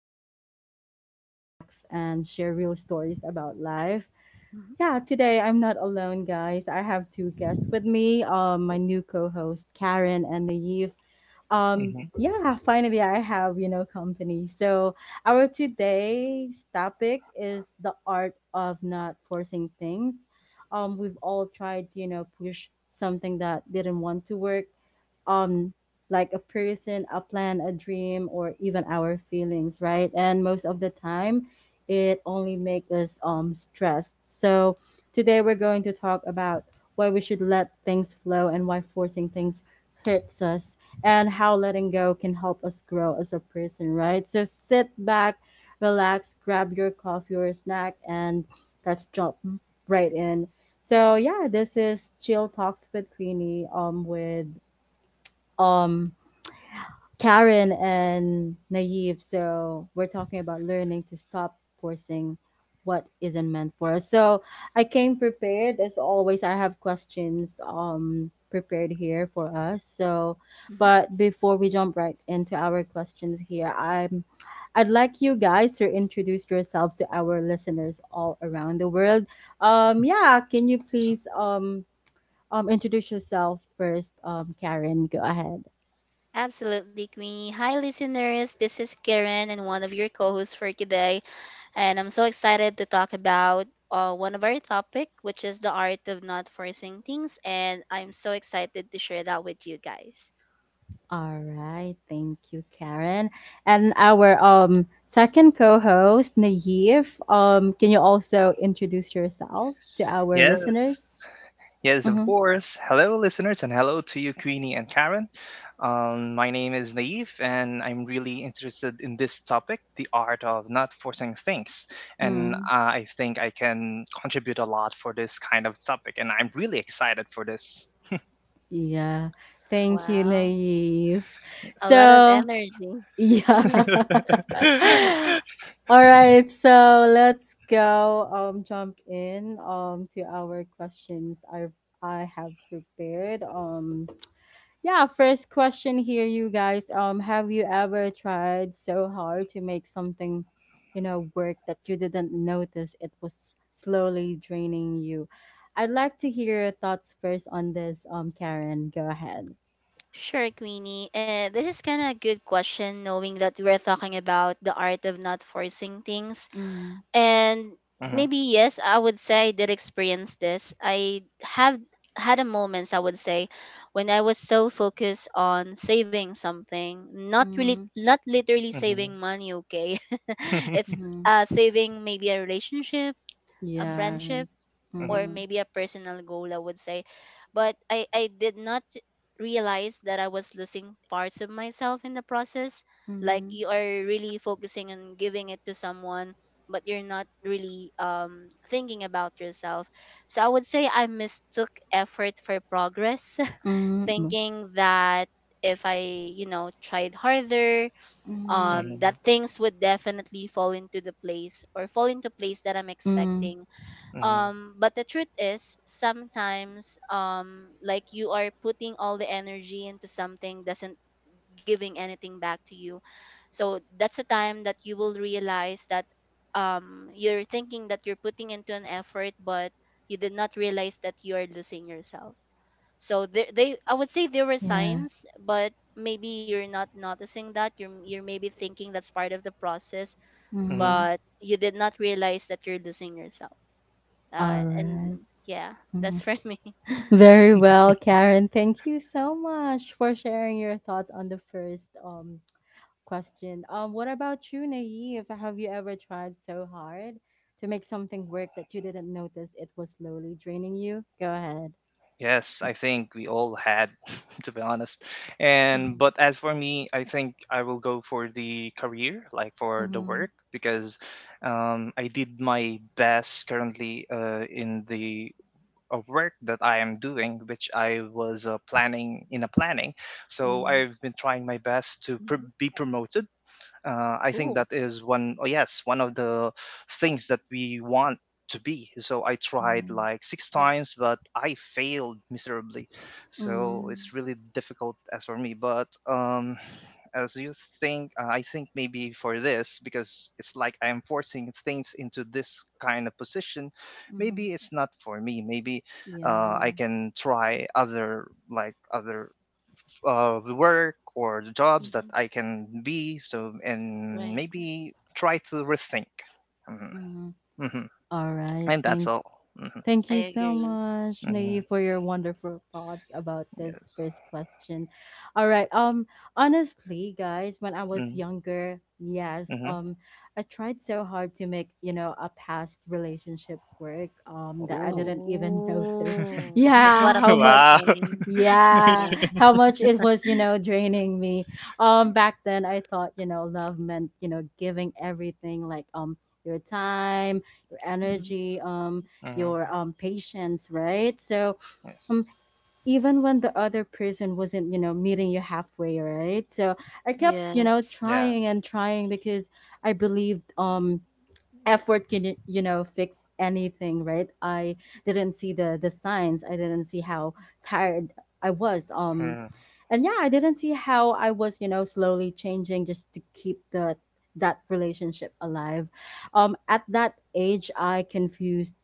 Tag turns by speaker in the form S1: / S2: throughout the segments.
S1: where we talk, relax, and share real stories about life.
S2: Mhm,
S1: Yeah, today I'm not alone, guys. I have two guests with me, my new co-host Karen and Naive.
S3: Mhm.
S1: Yeah, finally I have, company. So our today's topic is the art of not forcing things. We've all tried to, push something that didn't want to work um like a person, a plan, a dream, or even our feelings, right? And most of the time it only makes us stressed. So today we're going to talk about why we should let things flow and why forcing things hurts us, and how letting go can help us grow as a person, right? So sit back, relax, grab your coffee or snack, and let's jump right in. So yeah, this is Chill Talks with Queenie with um Karen and Naive. So we're talking about learning to stop forcing what isn't meant for us. So I came prepared as always. I have questions prepared here for us. So
S2: mhm.
S1: but before we jump right into our questions here, I'd like you guys to introduce yourselves to our listeners all around the world. Yeah, can you please introduce yourself first, Karen, go ahead.
S2: Absolutely, Queenie. Hi, listeners. This is Karen and one of your co hosts for today. And I'm so excited to talk about one of our topic, which is the art of not forcing things. And I'm so excited to share that with you guys.
S1: All right, thank you, Karen. And our second co-host, Naive. Can you also introduce yourself to our
S3: Yes,
S1: listeners?
S3: yes, of
S1: Mm-hmm.
S3: course. Hello, listeners, and hello to you, Queenie and Karen. My name is Naive, and I'm really interested in this topic, the art of not forcing things. And
S1: Mm,
S3: uh, I think I can contribute a lot for this kind of topic, and I'm really excited for this.
S1: yeah, thank you,
S2: Wow.
S1: Naive.
S2: A lot
S3: Yes.
S2: of
S1: So
S2: energy.
S1: yeah. All right, so let's go jump in to our questions I have prepared. Yeah, first question here, you guys. Have you ever tried so hard to make something, work that you didn't notice it was slowly draining you? I'd like to hear your thoughts first on this. Karen, go ahead.
S2: Sure, Queenie. This is kind of a good question, knowing that we're talking about the art of not forcing things.
S1: Mm-hmm.
S2: And maybe
S3: hmm
S2: yes, I would say I did experience this. I have had a moments, I would say, when I was so focused on saving something, not really,
S1: Mm-hmm.
S2: not literally
S3: hmm
S2: saving money, okay. It's
S3: hmm
S1: Mm-hmm.
S2: saving maybe a relationship, a
S1: Yeah, right.
S2: friendship, or
S1: Mm-hmm.
S2: maybe a personal goal, I would say. But I did not realize that I was losing parts of myself in the process. Like
S1: Mm-hmm.
S2: you are really focusing on giving it to someone, but you're not really thinking about yourself. So I would say I mistook effort for progress,
S1: Mm-hmm.
S2: thinking that if I, you know, tried harder,
S1: Mm-hmm.
S2: that
S3: hmm
S2: things would definitely fall into place that I'm
S1: Mm-hmm.
S2: expecting.
S3: hmm
S2: But the truth is, sometimes, like you are putting all the energy into something, doesn't giving anything back to you. So that's a time that you will realize that you're thinking that you're putting into an effort, but you did not realize that you are losing yourself. So they I would say there were
S1: Yeah.
S2: signs, but maybe you're not noticing that you're maybe thinking that's part of the process,
S3: hmm
S1: Mm-hmm.
S2: but you did not realize that you're losing yourself.
S1: All
S2: And
S1: right.
S2: yeah, that's
S1: Mm-hmm.
S2: for me.
S1: Very well, Karen. Thank you so much for sharing your thoughts on the first question. What about you, Naive? Have you ever tried so hard to make something work that you didn't notice it was slowly draining you? Go ahead.
S3: Yes, I think we all had, to be honest. And
S2: Hmm.
S3: but as for me, I think I will go for the career, like for the
S1: Mm-hmm.
S3: work, because I did my best currently in the work that I am doing, which I was planning in a planning. So
S1: Mm-hmm.
S3: I've been trying my best to
S2: Hmm.
S3: be promoted. I think
S2: Cool.
S3: that is one, oh yes, one of the things that we want to be. So I tried
S1: Yeah.
S3: like six
S2: Yes.
S3: times, but I failed miserably. So
S1: Mm-hmm.
S3: it's really difficult as for me. But as you think, I think maybe for this, because it's like I'm forcing things into this kind of position,
S1: Mm-hmm.
S3: maybe it's not for me. Maybe
S1: Yeah.
S3: I can try other, like, other the work or the jobs that
S2: Hmm.
S3: I can be. So, and
S2: Right.
S3: maybe try to rethink. Hmm
S1: Mm-hmm.
S3: hmm
S1: All right.
S3: And that's all. Hmm
S1: Thank
S2: I
S1: you so
S2: agree.
S1: much, Nay,
S3: hmm
S1: for your wonderful thoughts about this
S3: Yes.
S1: first question. All right. Honestly, guys, when I was
S3: Mm-hmm.
S1: younger, yes, I tried so hard to make, a past relationship work, that I
S3: Oh,
S1: didn't even notice.
S2: Oh, that's what
S1: Yeah,
S2: I'm
S1: how
S3: wow.
S1: much
S2: thinking.
S1: yeah,
S2: Um,
S1: how much it was, draining me. Back then I thought, love meant, giving everything, like your time, your
S2: mhm.
S1: energy,
S3: hmm
S1: your patience, right? So
S3: Yes.
S1: um even when the other person wasn't, meeting you halfway, right? So I kept,
S2: Yes,
S3: Yeah.
S1: trying and trying because I believed effort can, fix anything, right? I didn't see the signs. I didn't see how tired I was,
S3: Mm-hmm.
S1: and yeah, I didn't see how I was, slowly changing just to keep the that relationship alive. At that age I confused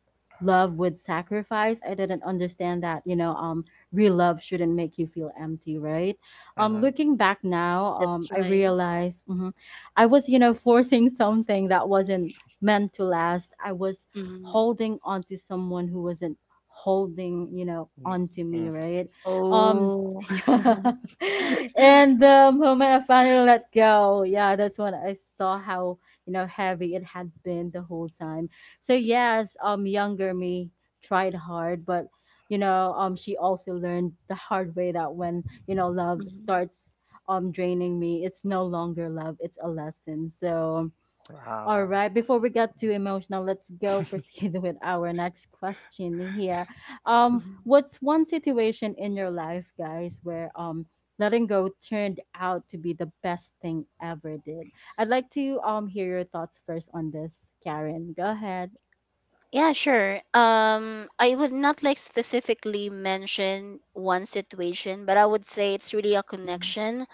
S1: love with sacrifice. I didn't understand that, real love shouldn't make you feel empty, right?
S3: Mm-hmm.
S1: Looking back now,
S2: that's
S1: I
S2: right.
S1: realized, mhm, I was, forcing something that wasn't meant to last. I was
S2: Mhm.
S1: holding on to someone who wasn't holding,
S3: Mm-hmm.
S1: onto
S3: mm-hmm.
S1: me, right? Um
S2: Oh.
S1: yeah. And the moment I finally let go, yeah, that's when I saw how, heavy it had been the whole time. So yes, younger me tried hard, but, she also learned the hard way that when, love
S2: Mhm,
S1: starts draining me, it's no longer love, it's a lesson. So all
S3: Wow.
S1: right, before we get too emotional, let's go proceed with our next question here.
S2: mhm.
S1: What's one situation in your life, guys, where letting go turned out to be the best thing ever did? I'd like to hear your thoughts first on this, Karen. Go ahead.
S2: Yeah, sure. I would not like specifically mention one situation, but I would say it's really a
S1: Mm-hmm.
S2: connection,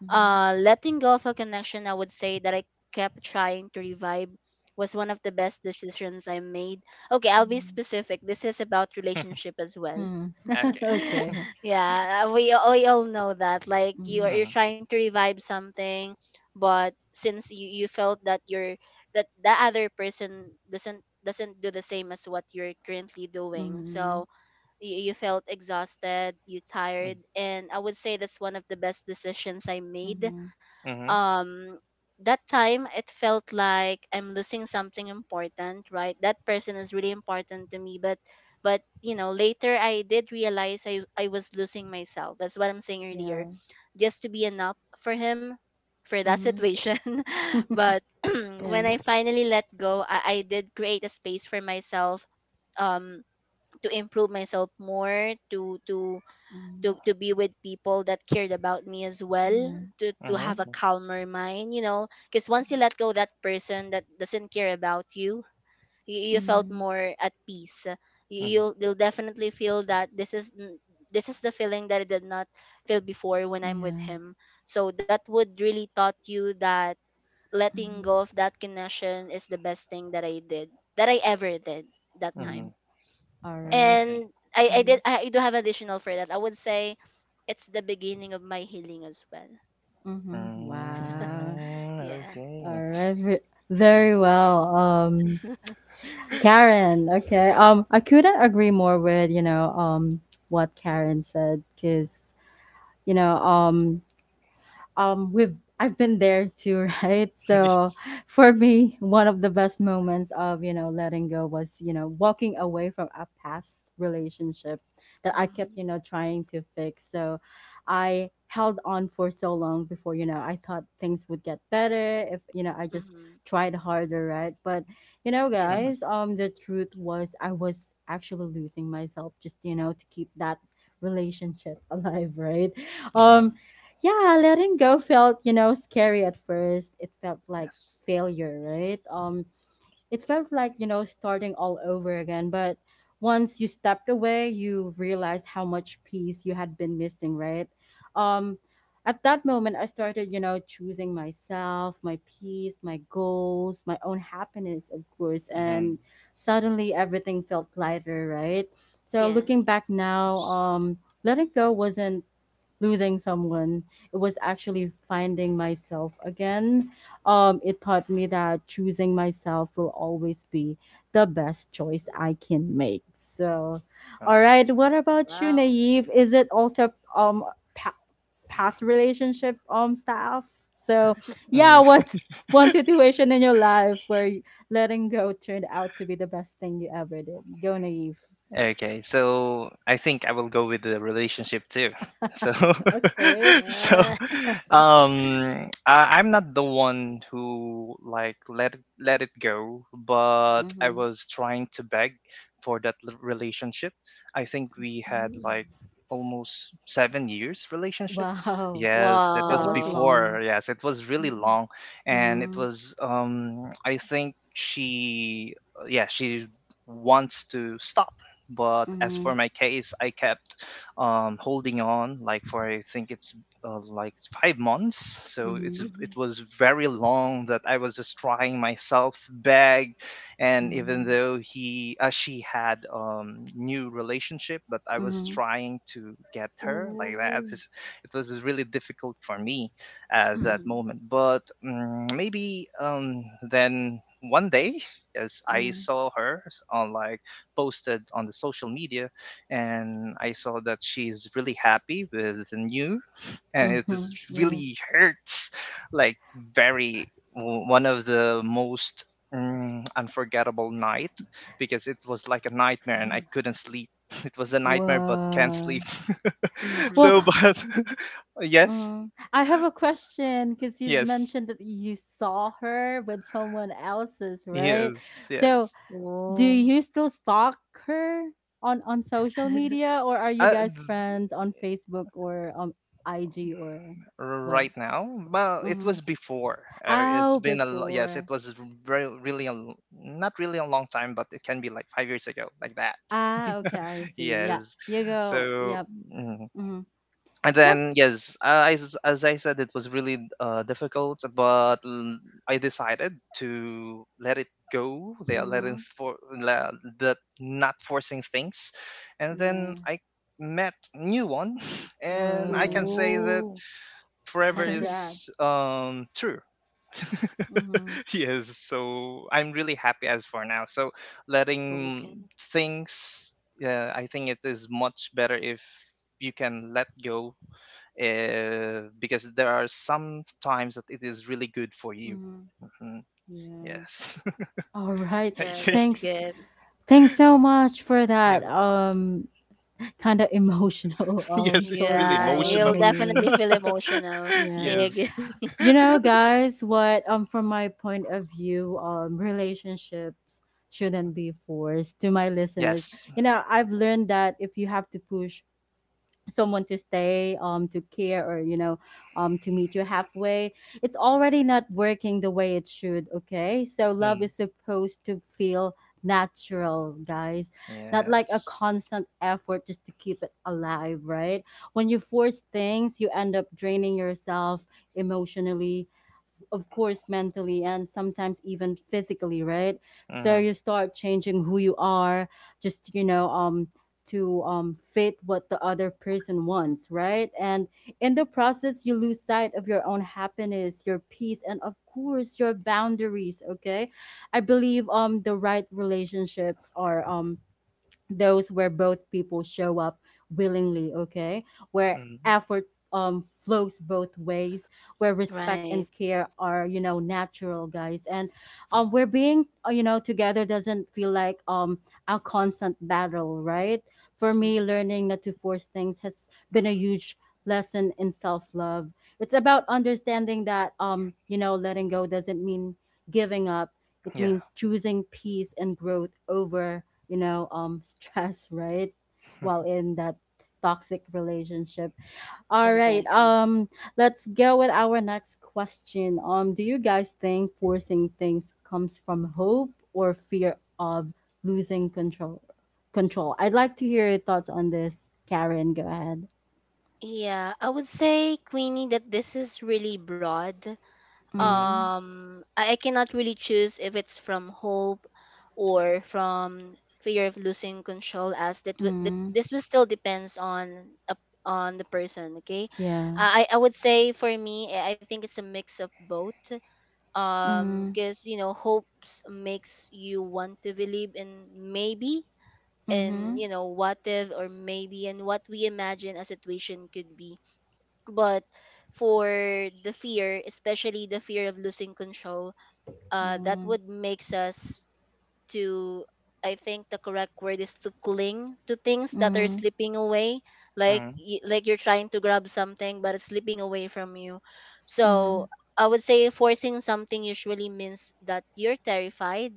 S2: letting go of a connection, I would say, that I kept trying to revive was one of the best decisions I made. Okay, I'll be
S1: Mm-hmm.
S2: specific. This is about relationship as well.
S1: Mm.
S3: Okay.
S1: Okay.
S2: Yeah, we all know that. Like you are,
S1: Mm,
S3: Mm-hmm.
S2: you're trying to revive something, but since you felt that you're, that the other person doesn't do the same as what you're currently doing,
S1: mm,
S2: so you felt exhausted, you tired,
S3: Mm-hmm.
S2: and I would say that's one of the best decisions I
S1: okay. Mm,
S2: made.
S1: mhm, mhm.
S3: Mm-hmm.
S2: um that time it felt like I'm losing something important, right? That person is really important to me, but you know, later I did realize I was losing myself, that's what I'm saying earlier,
S1: Yeah.
S2: just to be enough for him, for that
S1: Mm-hmm.
S2: situation. But
S1: yeah.
S2: when I finally let go, I did create a space for myself um to improve myself more, to to to
S1: Mm,
S2: to be with people that cared about me as well,
S1: yeah.
S2: to have a
S1: Mm,
S3: Mm-hmm.
S2: calmer mind, you know, because once you let go that person that doesn't care about you, you, you felt
S1: mm,
S2: more at peace.
S3: mm-hmm,
S2: You'll definitely feel that this is this is the feeling that I did not feel before when I'm with
S1: yeah.
S2: him. So that would really taught you that letting
S1: Mhm,
S2: go of that connection is the best thing that I did, that I ever did that
S3: mm-hmm.
S2: time.
S1: mm. All right.
S3: Okay.
S2: And I did,
S1: Mhm,
S2: I do have additional for that. I would say it's the beginning of my healing as well.
S1: mhm. Wow.
S3: Mm,
S2: Yeah.
S1: All
S3: okay.
S1: right. Very well. Karen. Okay. I couldn't agree more with, what Karen said, because, you know um we've I've been there too, right? So
S3: yes.
S1: for me, one of the best moments of, letting go was, walking away from a past relationship that I
S2: Mm.
S1: kept, trying to fix. So I held on for so long before, I thought things would get better if, I just
S2: Mm-hmm.
S1: tried harder, right? But,
S3: Mm-hmm.
S1: guys,
S2: Yes.
S1: the truth was I was actually losing myself just, to keep that relationship alive, right?
S3: Mm-hmm.
S1: Um
S2: Mm-hmm.
S1: yeah, letting go felt, scary at first. It felt like
S3: Yes.
S1: failure, right? It felt like, starting all over again. But once you stepped away, you realized how much peace you had been missing, right? Um, at that moment, I started, choosing myself, my peace, my goals, my own happiness, of course.
S3: Mm-hmm.
S1: And suddenly everything felt lighter, right? So looking
S2: Yes.
S1: back now, letting go wasn't losing someone. It was actually finding myself again. It taught me that choosing myself will always be the best choice I can make. So,
S3: Uh,
S1: all right. What about you,
S2: Wow.
S1: Naive? Is it also um pa- past relationship stuff? So,
S3: mm,
S1: yeah. What's one situation in your life where letting go turned out to be the best thing you ever did? Go, Naive.
S3: Okay, so I think I will go with the relationship too. So,
S1: Okay.
S3: so,
S2: Yeah.
S3: um, I'm not the one who like let it go, but I
S1: Mm-hmm.
S3: was trying to beg for that relationship. I think we had
S2: Mm.
S3: like almost 7 years relationship.
S1: Wow,
S3: Yes, it
S1: that
S3: was
S1: was
S2: Wow.
S3: before.
S1: long.
S3: Yes, it was really
S2: Mhm.
S3: long, and it
S1: Mm,
S3: was I think she, yeah, she wants to stop, but as for
S1: mhm,
S3: my case, I kept holding on, like for I think it's like 5 months. So it's
S1: mhm,
S2: Mm-hmm.
S3: it was very long that I was just trying myself beg, and even
S1: mhm,
S3: though he she had new relationship, but I was
S1: mhm,
S3: trying to get her like that.
S2: Oh.
S3: It's, it was really difficult for me at that
S2: Mm-hmm.
S3: moment. But maybe then one day, yes, I
S1: mm,
S3: saw her on like posted on the social media, and I saw that she's really happy with the new, and it is
S1: mhm, yeah.
S3: really hurts, like very one of the most unforgettable night because it was like a nightmare and I couldn't sleep. It was a nightmare, but can't sleep.
S1: Wow. Well,
S3: So,
S2: Mm-hmm.
S3: but yes,
S1: mm, I have a question because you've
S3: yes,
S1: mentioned that you saw her with someone else's, right?
S3: yes,
S1: So,
S3: yes.
S1: do
S2: Oh.
S1: you still stalk her on social media, or are you
S3: Uh,
S1: guys
S3: th-
S1: friends on Facebook or IG or what?
S3: right now, well, it
S1: Mm-hmm.
S3: was before. It's
S1: Oh,
S3: been a yes, it
S1: before.
S3: was very really a, not really a long time, but it can be like 5 years ago, like that.
S1: Ah, okay, I see. Yeah,
S3: Yes,
S1: you go.
S3: so
S1: Yep.
S3: mm.
S1: Mhm.
S3: And
S1: Yep.
S3: then yes, as I said, it was really difficult, but I decided to let it go, they are letting
S1: Mhm.
S3: for that, not forcing things. And then
S1: Yeah.
S3: I met new one, and I can
S1: Whoa.
S3: say that
S2: Oh.
S3: forever is
S1: Congrats.
S3: true.
S1: Mhm.
S3: Yes, so I'm really happy as for now. So, letting
S2: Okay.
S3: things, I think it is much better if you can let go, because there are some times that it is really good for you.
S1: Mhm.
S3: Mhm.
S1: Yeah.
S3: Yes.
S1: All right.
S2: Yeah, that's
S1: Thanks.
S2: good.
S1: Thanks so much for that
S3: Yes.
S1: kind of emotional
S3: Yes, it's really
S1: story
S2: Yeah,
S1: of
S3: emotional.
S2: you'll
S1: Naive.
S2: definitely feel emotional. I
S1: Yeah.
S2: agree.
S3: Yes.
S1: You know, guys, what, from my point of view, relationships shouldn't be forced, to my listeners.
S3: Yes.
S1: You know, I've learned that if you have to push someone to stay, to care, or, to meet you halfway, it's already not working the way it should. Okay, so love
S3: Mm.
S1: is supposed to feel natural, guys, not like a
S3: Yes.
S1: constant effort just to keep it alive, right? When you force things, you end up draining yourself emotionally, of course, mentally, and sometimes even physically, right? So
S3: Mm.
S1: you start changing who you are just, to fit what the other person wants, right? And in the process, you lose sight of your own happiness, your peace, and of course your boundaries. Okay, I believe, the right relationships are those where both people show up willingly, okay? Where
S3: Mm.
S1: effort flows both ways, where respect
S2: Right.
S1: and care are, natural, guys. And
S2: Mm,
S1: where being, together doesn't feel like a constant battle, right? For me,
S2: mm.
S1: learning not to force things has been a huge lesson in self-love. It's about understanding that, letting go doesn't mean giving up. It
S3: Yeah.
S1: means choosing peace and growth over, stress, right? While in that toxic relationship. All right.
S2: Exactly.
S1: Let's go with our next question. Do you guys think forcing things comes from hope or fear of losing control? Control. I'd like to hear your thoughts on this, Karen. Go ahead.
S2: Yeah, I would say, Queenie, that this is really broad.
S3: Mm-hmm.
S1: Mm-hmm.
S2: I cannot really choose if it's from hope or from fear of losing control, as that, that
S1: Mm-hmm.
S2: this will still depends on a, on the person. Okay,
S1: Yeah.
S2: I would say for me, I think it's a mix of both.
S1: Mm-hmm.
S2: Because you know, hopes makes you want to believe in maybe. And
S1: Mm-hmm.
S2: you know, what if or maybe, and what we imagine a situation could be. But for the fear, especially the fear of losing control, that
S1: Mm,
S2: would makes us to, I think the correct word is to cling to things that are
S1: Mm-hmm.
S2: slipping away, like like you're trying to grab something but it's slipping away from you.
S1: Mm-hmm.
S2: So I would say forcing something usually means that you're terrified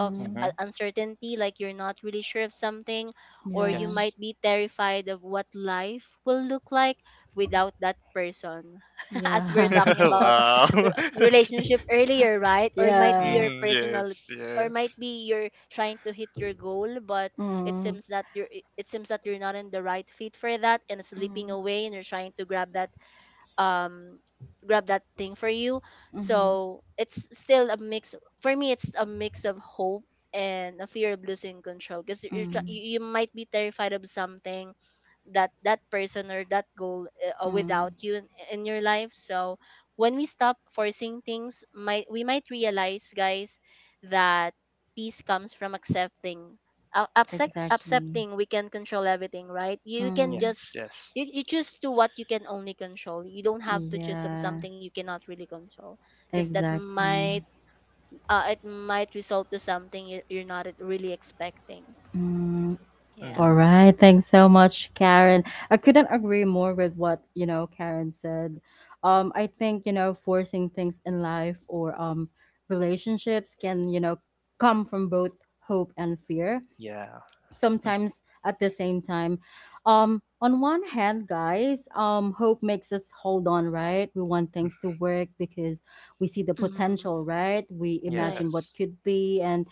S2: of
S3: Mm-hmm.
S2: uncertainty, like you're not really sure of something, or you
S1: Yeah.
S3: Yes.
S2: might be terrified of what life will look like without that person. As we're
S1: Yeah.
S2: talking about
S3: Wow. Okay.
S2: relationship earlier, right? Or might be
S1: yeah.
S2: your
S3: hmm
S2: personal,
S3: Yes,
S2: or
S3: yes.
S2: might be you're trying to hit your goal, but it
S1: Mm-hmm.
S2: seems that you're, it seems that you're not in the right fit for that, and slipping
S1: Mm,
S2: away, and you're trying to grab that, um grab that thing for you.
S1: mhm,
S2: So it's still a mix. For me it's a mix of hope and a fear of losing control, because you
S1: mm,
S2: you might be terrified of something, that that person or that goal without
S1: mm.
S2: you in your life. So when we stop forcing things, might we might realize, guys, that peace comes from accepting,
S3: Yes.
S1: Exactly.
S2: accepting we can control everything, right? You can
S1: Mm,
S3: Yes.
S2: just,
S3: Yes.
S2: you just do what you can only control. You don't have to choose of
S1: yeah,
S2: something you cannot really control, because that
S1: exactly.
S2: might, it might result to something you, you're not really expecting.
S1: Mm.
S2: Yeah.
S1: All
S3: hmm
S1: right. Thanks so much, Karen. I couldn't agree more with what, Karen said. I think, forcing things in life or relationships can, come from both hope and fear,
S3: Yeah. Mhm.
S1: sometimes at the same time. On one hand, guys, hope makes us hold on, right? We want things to work because we see the
S2: Hmm.
S1: potential, right? We
S2: Right.
S1: imagine what
S3: Yes.
S1: could be, and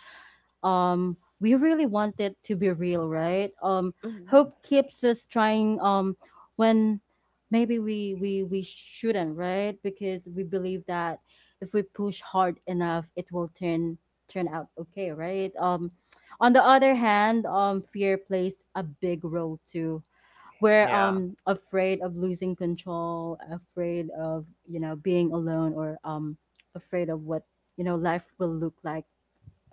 S1: we really want it to be real, right?
S2: Hmm.
S1: Hope keeps us trying when maybe we shouldn't, right? Because we believe that if we push hard enough, it will turn out okay, right? On the other hand, fear plays a big role too. We're
S3: Yeah.
S1: afraid of losing control, afraid of, being alone, or afraid of what, life will look like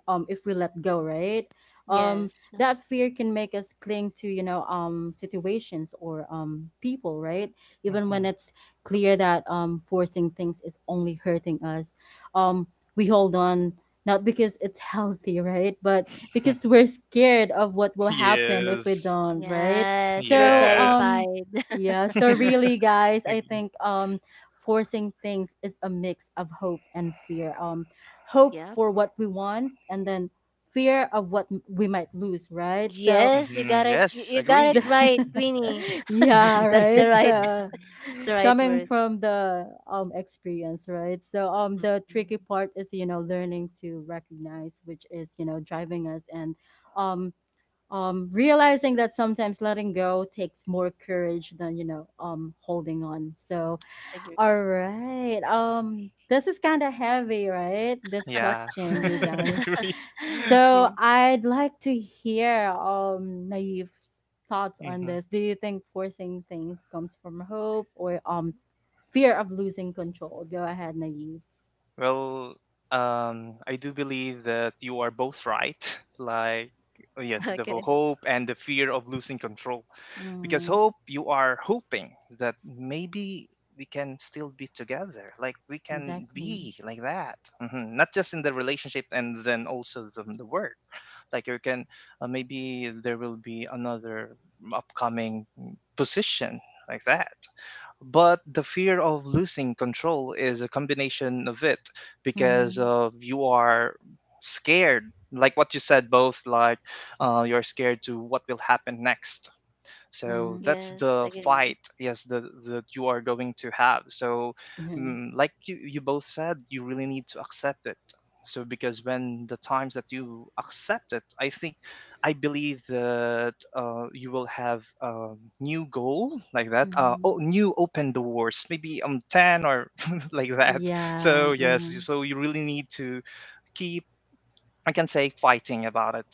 S1: if we let go, right? Um
S2: Yes.
S1: that fear can make us cling to, situations or people, right? Even when
S3: hmm
S1: it's clear that forcing things is only hurting us. Um we hold on not because it's healthy, right? But because we're scared of what will happen if we
S3: Yes.
S1: don't, right?
S2: Yes, we're
S1: So
S3: Yes.
S1: um
S2: terrified.
S1: yeah, so really guys, I think forcing things is a mix of hope and fear. Hope
S2: Yep.
S1: for what we want, and then fear of what we might lose, right? So
S2: Yes, you got
S3: Mm-hmm.
S2: it. you,
S3: Yes.
S2: you got it
S1: the
S3: Agree.
S2: right, Queenie.
S1: yeah,
S2: That's the
S1: right,
S2: right
S1: so
S2: that's the right
S1: coming
S2: word.
S1: from the experience, right? So the tricky
S2: Mhm.
S1: part is, you know, learning to recognize which is, you know, driving us, and um realizing that sometimes letting go takes more courage than, you know, holding on. So all
S2: Agree.
S1: right. This is kind of heavy, right? This
S3: Yeah.
S1: question, you guys.
S3: Agree.
S1: So
S2: Agree.
S1: I'd like to hear Naif's thoughts on
S3: hmm
S1: this. Do you think forcing things comes from hope or fear of losing control? Go ahead, Naif.
S3: Well, I do believe that you are both right. Like, yes, the
S2: Okay.
S3: hope and the fear of losing control. Because
S1: Mm,
S3: hope, you are hoping that maybe we can still be together, like we can
S1: exactly.
S3: be like that. Mhm. Not just in the relationship, and then also the work, like you can, maybe there will be another upcoming position like that. But the fear of losing control is a combination of it, because
S1: Mm-hmm.
S3: of you are scared, like what you said both, like you're scared to what will happen next. So
S1: Mm-hmm.
S3: that's
S2: Yes.
S3: the
S2: Agree.
S3: fight, yes, the that you are going to have. So, mm, like you both said, you really need to accept it. So because when the times that you accept it, I think, I believe that you will have a new goal like that.
S1: Yeah. Mm-hmm.
S3: Oh, new open doors, maybe 10, or like that.
S1: Yeah.
S3: So yes, you, so you really need to keep, I can say, fighting about it.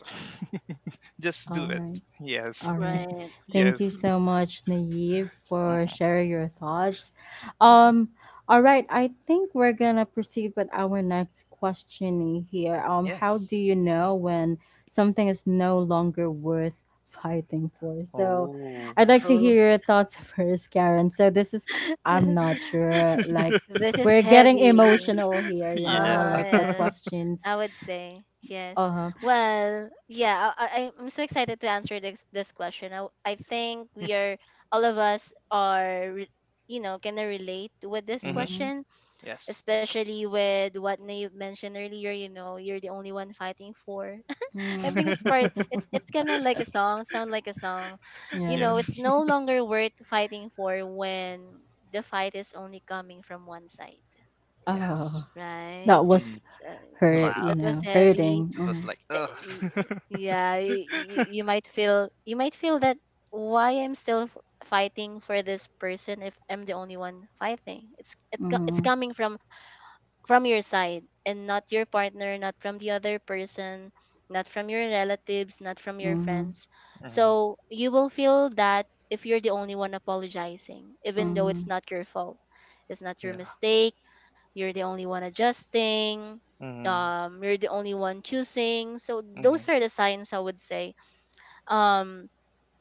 S3: Just do it.
S1: Mm-hmm.
S3: Yes,
S1: All right.
S2: Right.
S1: Thank you
S3: yes.
S1: so much, Naive, for
S3: Mhm.
S1: sharing your thoughts. Um, all right, I think we're gonna proceed with our next question here. How
S3: Yes.
S1: do you know when something is no longer worth fighting for? So
S3: Oh.
S1: I'd like to
S2: Oh,
S1: hear your thoughts first, Karen. So this is I'm not sure, like,
S2: this is
S1: we're getting
S2: heavy.
S1: emotional here, you know,
S2: Uh-huh,
S3: Yeah.
S1: like the
S2: yes.
S1: questions.
S2: I would say yes.
S1: Uh-huh.
S2: Well, yeah, I'm so excited to answer this question. I think we are, all of us are, you know, gonna relate with this
S3: hmm
S2: question,
S3: Yes.
S2: especially with what Nave mentioned earlier, you know, you're the only one fighting for. I think
S1: Mm-hmm.
S2: it's kinda like a song, sound like a song. You
S1: yeah.
S2: know, it's
S3: Yes.
S2: no longer worth fighting for when the fight is only coming from one side.
S1: Oh.
S3: Yes.
S2: Right?
S1: That was
S3: Mm.
S2: So
S1: hurt, you
S2: that
S3: Wow.
S2: was
S1: know,
S2: heavy.
S1: hurting.
S3: It was
S1: Mm,
S3: like,
S2: Eh,
S3: ugh.
S2: y- Yeah, you might feel that why I'm still fighting for this person if I'm the only one fighting. It's
S1: mm,
S2: coming from your side, and not your partner, not from the other person, not from your relatives, not from your
S1: mm,
S2: friends.
S3: hmm
S2: So you will feel that if you're the only one apologizing, even though it's
S1: mm,
S2: not your fault, it's not your
S3: Yeah.
S2: mistake, you're the only one adjusting,
S3: Mm.
S2: you're the only one choosing. So
S3: hmm
S2: those are the signs I would say. Um,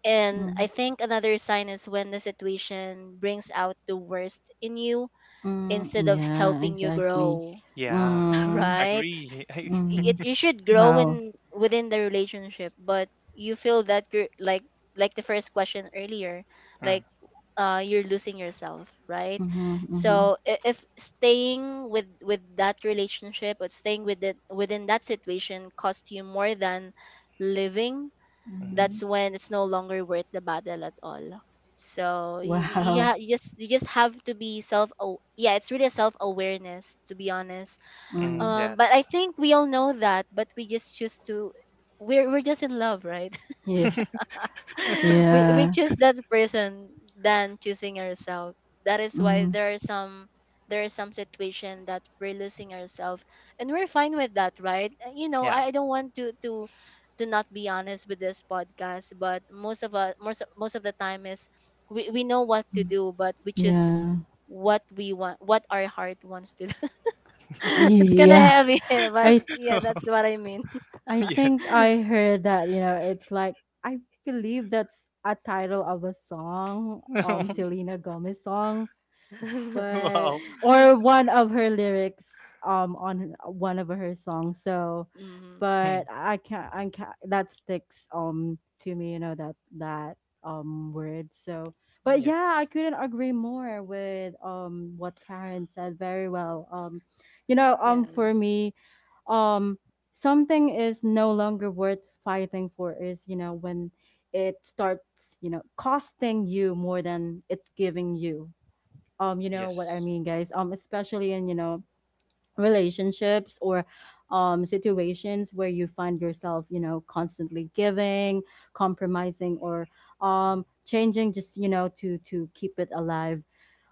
S2: and I
S1: mm,
S2: think another sign is when the situation brings out the worst in you
S1: mm.
S2: instead of
S1: Yeah,
S2: helping you
S1: exactly.
S2: grow.
S3: Yeah.
S1: Mm,
S2: Right.
S3: Agree. I-
S1: mm.
S2: It, you should grow
S1: Wow.
S2: in within the relationship, but you feel that you're like the first question earlier,
S3: mm.
S2: like you're losing yourself, right?
S1: Mm-hmm, mm-hmm,
S2: So if staying with that relationship, or staying with it within that situation cost you more than living,
S3: hmm
S1: mm-hmm.
S2: that's when it's no longer worth the battle at all. So
S1: Wow.
S2: yeah, you, you just, you just have to be self. Yeah, it's really a self awareness, to be honest.
S3: Mm.
S1: Mm.
S2: But I
S3: Yes.
S2: think we all know that, but we just choose to, we're just in love, right?
S1: Yeah.
S2: We we
S1: Yeah.
S2: choose that person than choosing ourselves. That is why
S1: Mm,
S2: there are some, there is some situation that we're losing ourselves, and we're fine with that, right? You know,
S3: Yeah.
S2: I don't want to to not be honest with this podcast, but most of the time is we know what to
S1: mm,
S2: do, but we choose
S1: yeah.
S2: what we want, what our heart wants to do. It's kind of
S1: Yeah.
S2: heavy, but
S1: I
S2: yeah, that's what I mean.
S1: I think
S3: Yes.
S1: I heard that, you know, it's like I believe that's a title of a song,
S2: Mm.
S1: Selena Gomez song, but
S3: Wow.
S1: or one of her lyrics on one of her songs. So
S2: Mm-hmm.
S3: Hmm.
S1: but I can't that sticks to me, you know, that that word. So but yeah,
S3: Yes.
S1: I couldn't agree more with what Karen said, very well. You know,
S2: Yeah.
S1: for me, um something is no longer worth fighting for is, you know, when it starts, you know, costing you more than it's giving you. You know what I
S3: Yes.
S1: mean, guys? Especially in, you know, relationships or situations where you find yourself, you know, constantly giving, compromising, or changing just, you know, to keep it alive.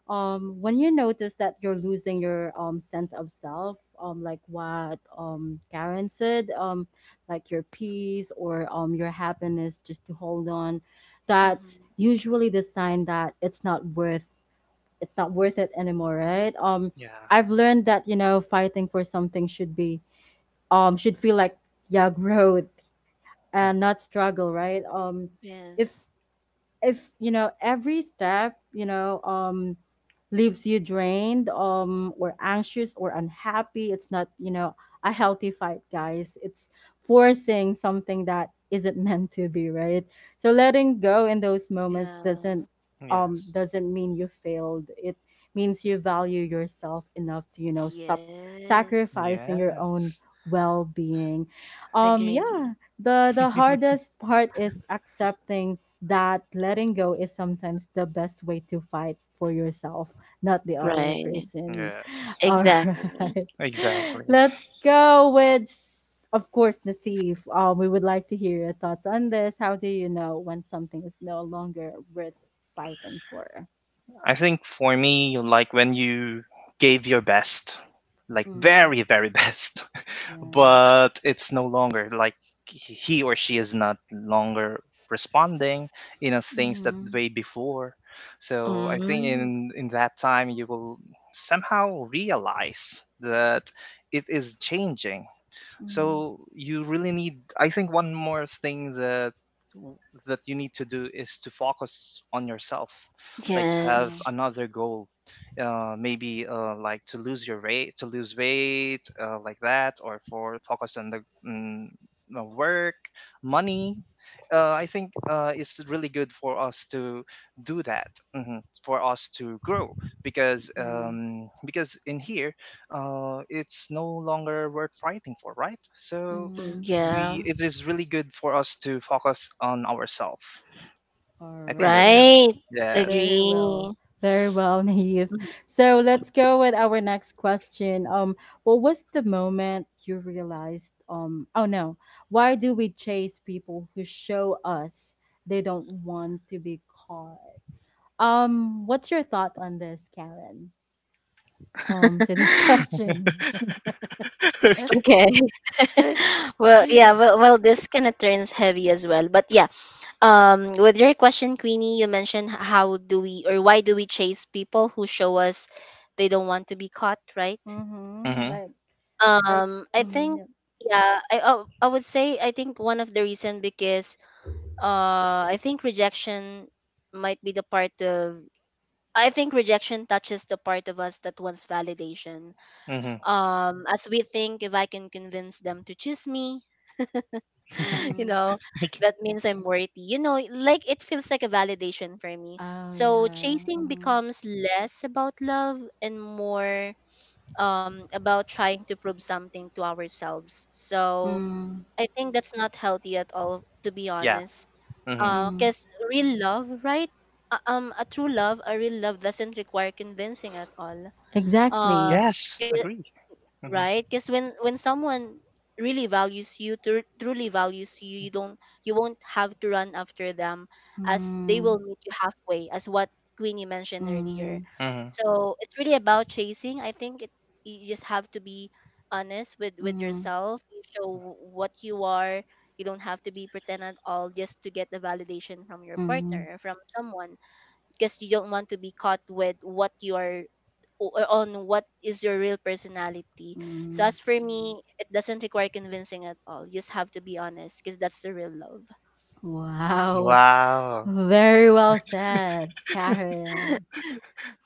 S1: When you notice that you're losing your sense of self, like what Karen said, like your peace or your happiness, just to hold on, that's
S2: Mm-hmm.
S1: usually the sign that it's not worth it anymore, right?
S3: Yeah.
S1: I've learned that, you know, fighting for something should be, should feel like, yeah, growth and
S3: Mhm.
S1: not struggle, right? If
S2: Yes.
S1: you know, every step, you know, leaves you drained, or anxious, or unhappy, it's not, you know, a healthy fight, guys. It's forcing something that isn't meant to be, right? So letting go in those moments doesn't,
S2: Yeah.
S3: Yes.
S1: doesn't mean you failed. It means you value yourself enough to, you know, stop
S2: Yes.
S1: sacrificing your own
S3: Yes.
S1: well-being.
S2: Agree.
S1: Yeah, the hardest part is accepting that letting go is sometimes the best way to fight for yourself, not the other
S2: Right.
S1: person.
S3: Yes,
S1: All
S2: Exactly.
S1: right.
S3: exactly.
S1: Let's go with, of course, Nasif. We would like to hear your thoughts on this. How do you know when something is no longer worth fighting for?
S3: I think for me, like when you gave your best, like
S1: Mm,
S3: very, very best,
S1: yeah.
S3: but it's no longer like he or she is not longer responding in a things that
S1: Mm-hmm.
S3: way before. So I think
S2: Mm.
S3: in that time you will somehow realize that it is changing. So
S1: Mm-hmm.
S3: you really need. I think one more thing that w- that you need to do is to focus on yourself, like to have
S1: Yeah.
S2: Yes.
S3: another goal. Maybe like to lose your weight, to lose weight, like that, or for focus on the mm, the work, money. I think it's really good for us to do that, mhm, for us to grow
S1: Yeah.
S3: because in here, it's no longer worth fighting for, right? So
S2: Mm.
S1: Mm-hmm.
S2: Yeah.
S3: we it is really good for us to focus on ourselves.
S1: All
S3: I think that's it.
S1: right.
S2: Right.
S3: Yes.
S1: Very well.
S2: Agree.
S1: Very well, Naive.
S2: Mhm.
S1: So let's go with our next question. What was the moment you realized, oh no, why do we chase people who show us they don't want to be caught? What's your thought on this, Karen? To this question.
S3: Okay.
S2: Okay. Well, yeah.
S1: mm-hmm.
S2: Well, well, this kind of turns heavy as well. But yeah. With your question, Queenie, you mentioned, how do we, or why do we chase people who show us they don't want to be caught, right?
S3: Mhm.
S1: Like I
S2: I
S1: mm-hmm,
S2: think
S1: yep.
S2: Yeah, I would say I think one of the reason, because I think rejection might be the part of I think rejection touches the part of us that wants validation.
S3: Mhm.
S2: As we think, if I can convince them to choose me, you
S1: Mm.
S2: know,
S3: Okay.
S2: that means I'm worthy. You know, like it feels like a validation for me.
S1: Oh
S2: So
S1: yeah.
S2: chasing
S1: Mm-hmm.
S2: becomes less about love and more about trying to prove something to ourselves. So
S1: Mm.
S2: I think that's not healthy at all, to be
S3: Yeah.
S2: honest.
S3: Mhm.
S1: Mm.
S2: Because real love, right? A true love, a real love doesn't require convincing at all. Um,
S1: Exactly.
S3: Yes. Agree. Mhm.
S2: right, because when someone really values you tru- truly values you, you don't, you won't have to run after them, as they will
S1: Mm.
S2: meet you halfway, as what Queenie mentioned earlier.
S1: Mm,
S3: Mhm.
S2: So it's really about chasing. I think it, you just have to be honest with
S1: mm,
S2: yourself. You show what you are. You don't have to be pretend at all just to get the validation from your
S1: mm, mm.
S2: partner or from someone, because you don't want to be caught with what you are, on what is your real personality. So as
S1: Mm.
S2: for me, it doesn't require convincing at all. You just have to be honest, because that's the real love.
S1: Wow.
S3: Wow.
S1: Very well said, Karen.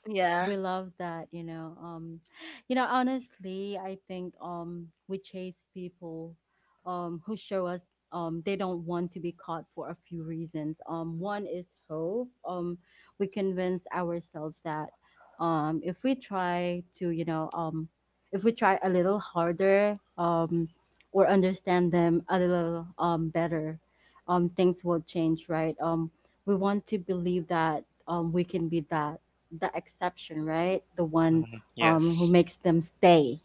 S2: Yeah.
S1: We love that. You know, you know, honestly, I think we chase people who show us they don't want to be caught for a few reasons. One is hope. We convince ourselves that if we try to, you know, if we try a little harder, or understand them a little better, things will change, right? We want to believe that we can be that the exception, right? The one,
S3: Mhm.
S1: who
S3: Yes.
S1: makes them stay.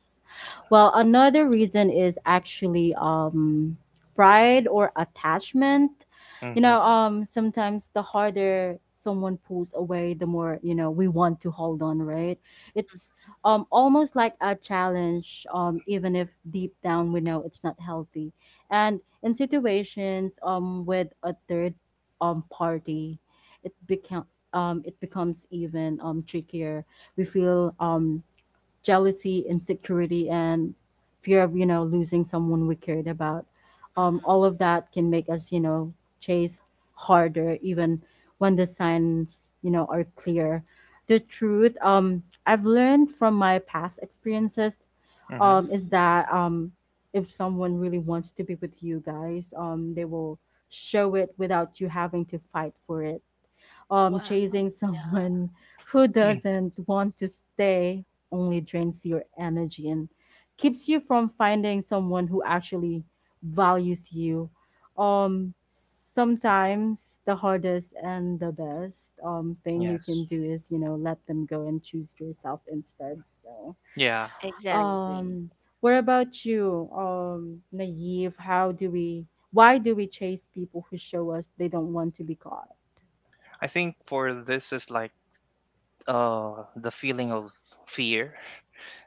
S1: Well, another reason is actually, pride or attachment. You
S3: Mhm.
S1: know,
S2: Mm-hmm.
S1: sometimes the harder someone pulls away, the more, you know, we want to hold on, right? It's, almost like a challenge, even if deep down we know it's not healthy. And in situations, with a third, party, it become it becomes even, trickier. We feel, jealousy, insecurity, and fear of, you know, losing someone we cared about. All of that can make us, you know, chase harder, even when the signs, you know, are clear. The truth, I've learned from my past experiences,
S3: Mhm.
S2: Hmm.
S1: is that, if someone really wants to be with you, guys, they will show it without you having to fight for it.
S2: Wow.
S1: Chasing someone who
S3: Mm.
S1: doesn't want to stay only drains your energy and keeps you from finding someone who actually values you. Sometimes the hardest and the best thing you
S3: Yes.
S1: can do is, you know, let them go and choose yourself instead. So,
S3: Yeah.
S2: Exactly.
S1: um what about you, Naive? How do we, why do we chase people who show us they don't want to be caught?
S3: I think for this is like uh the feeling of fear,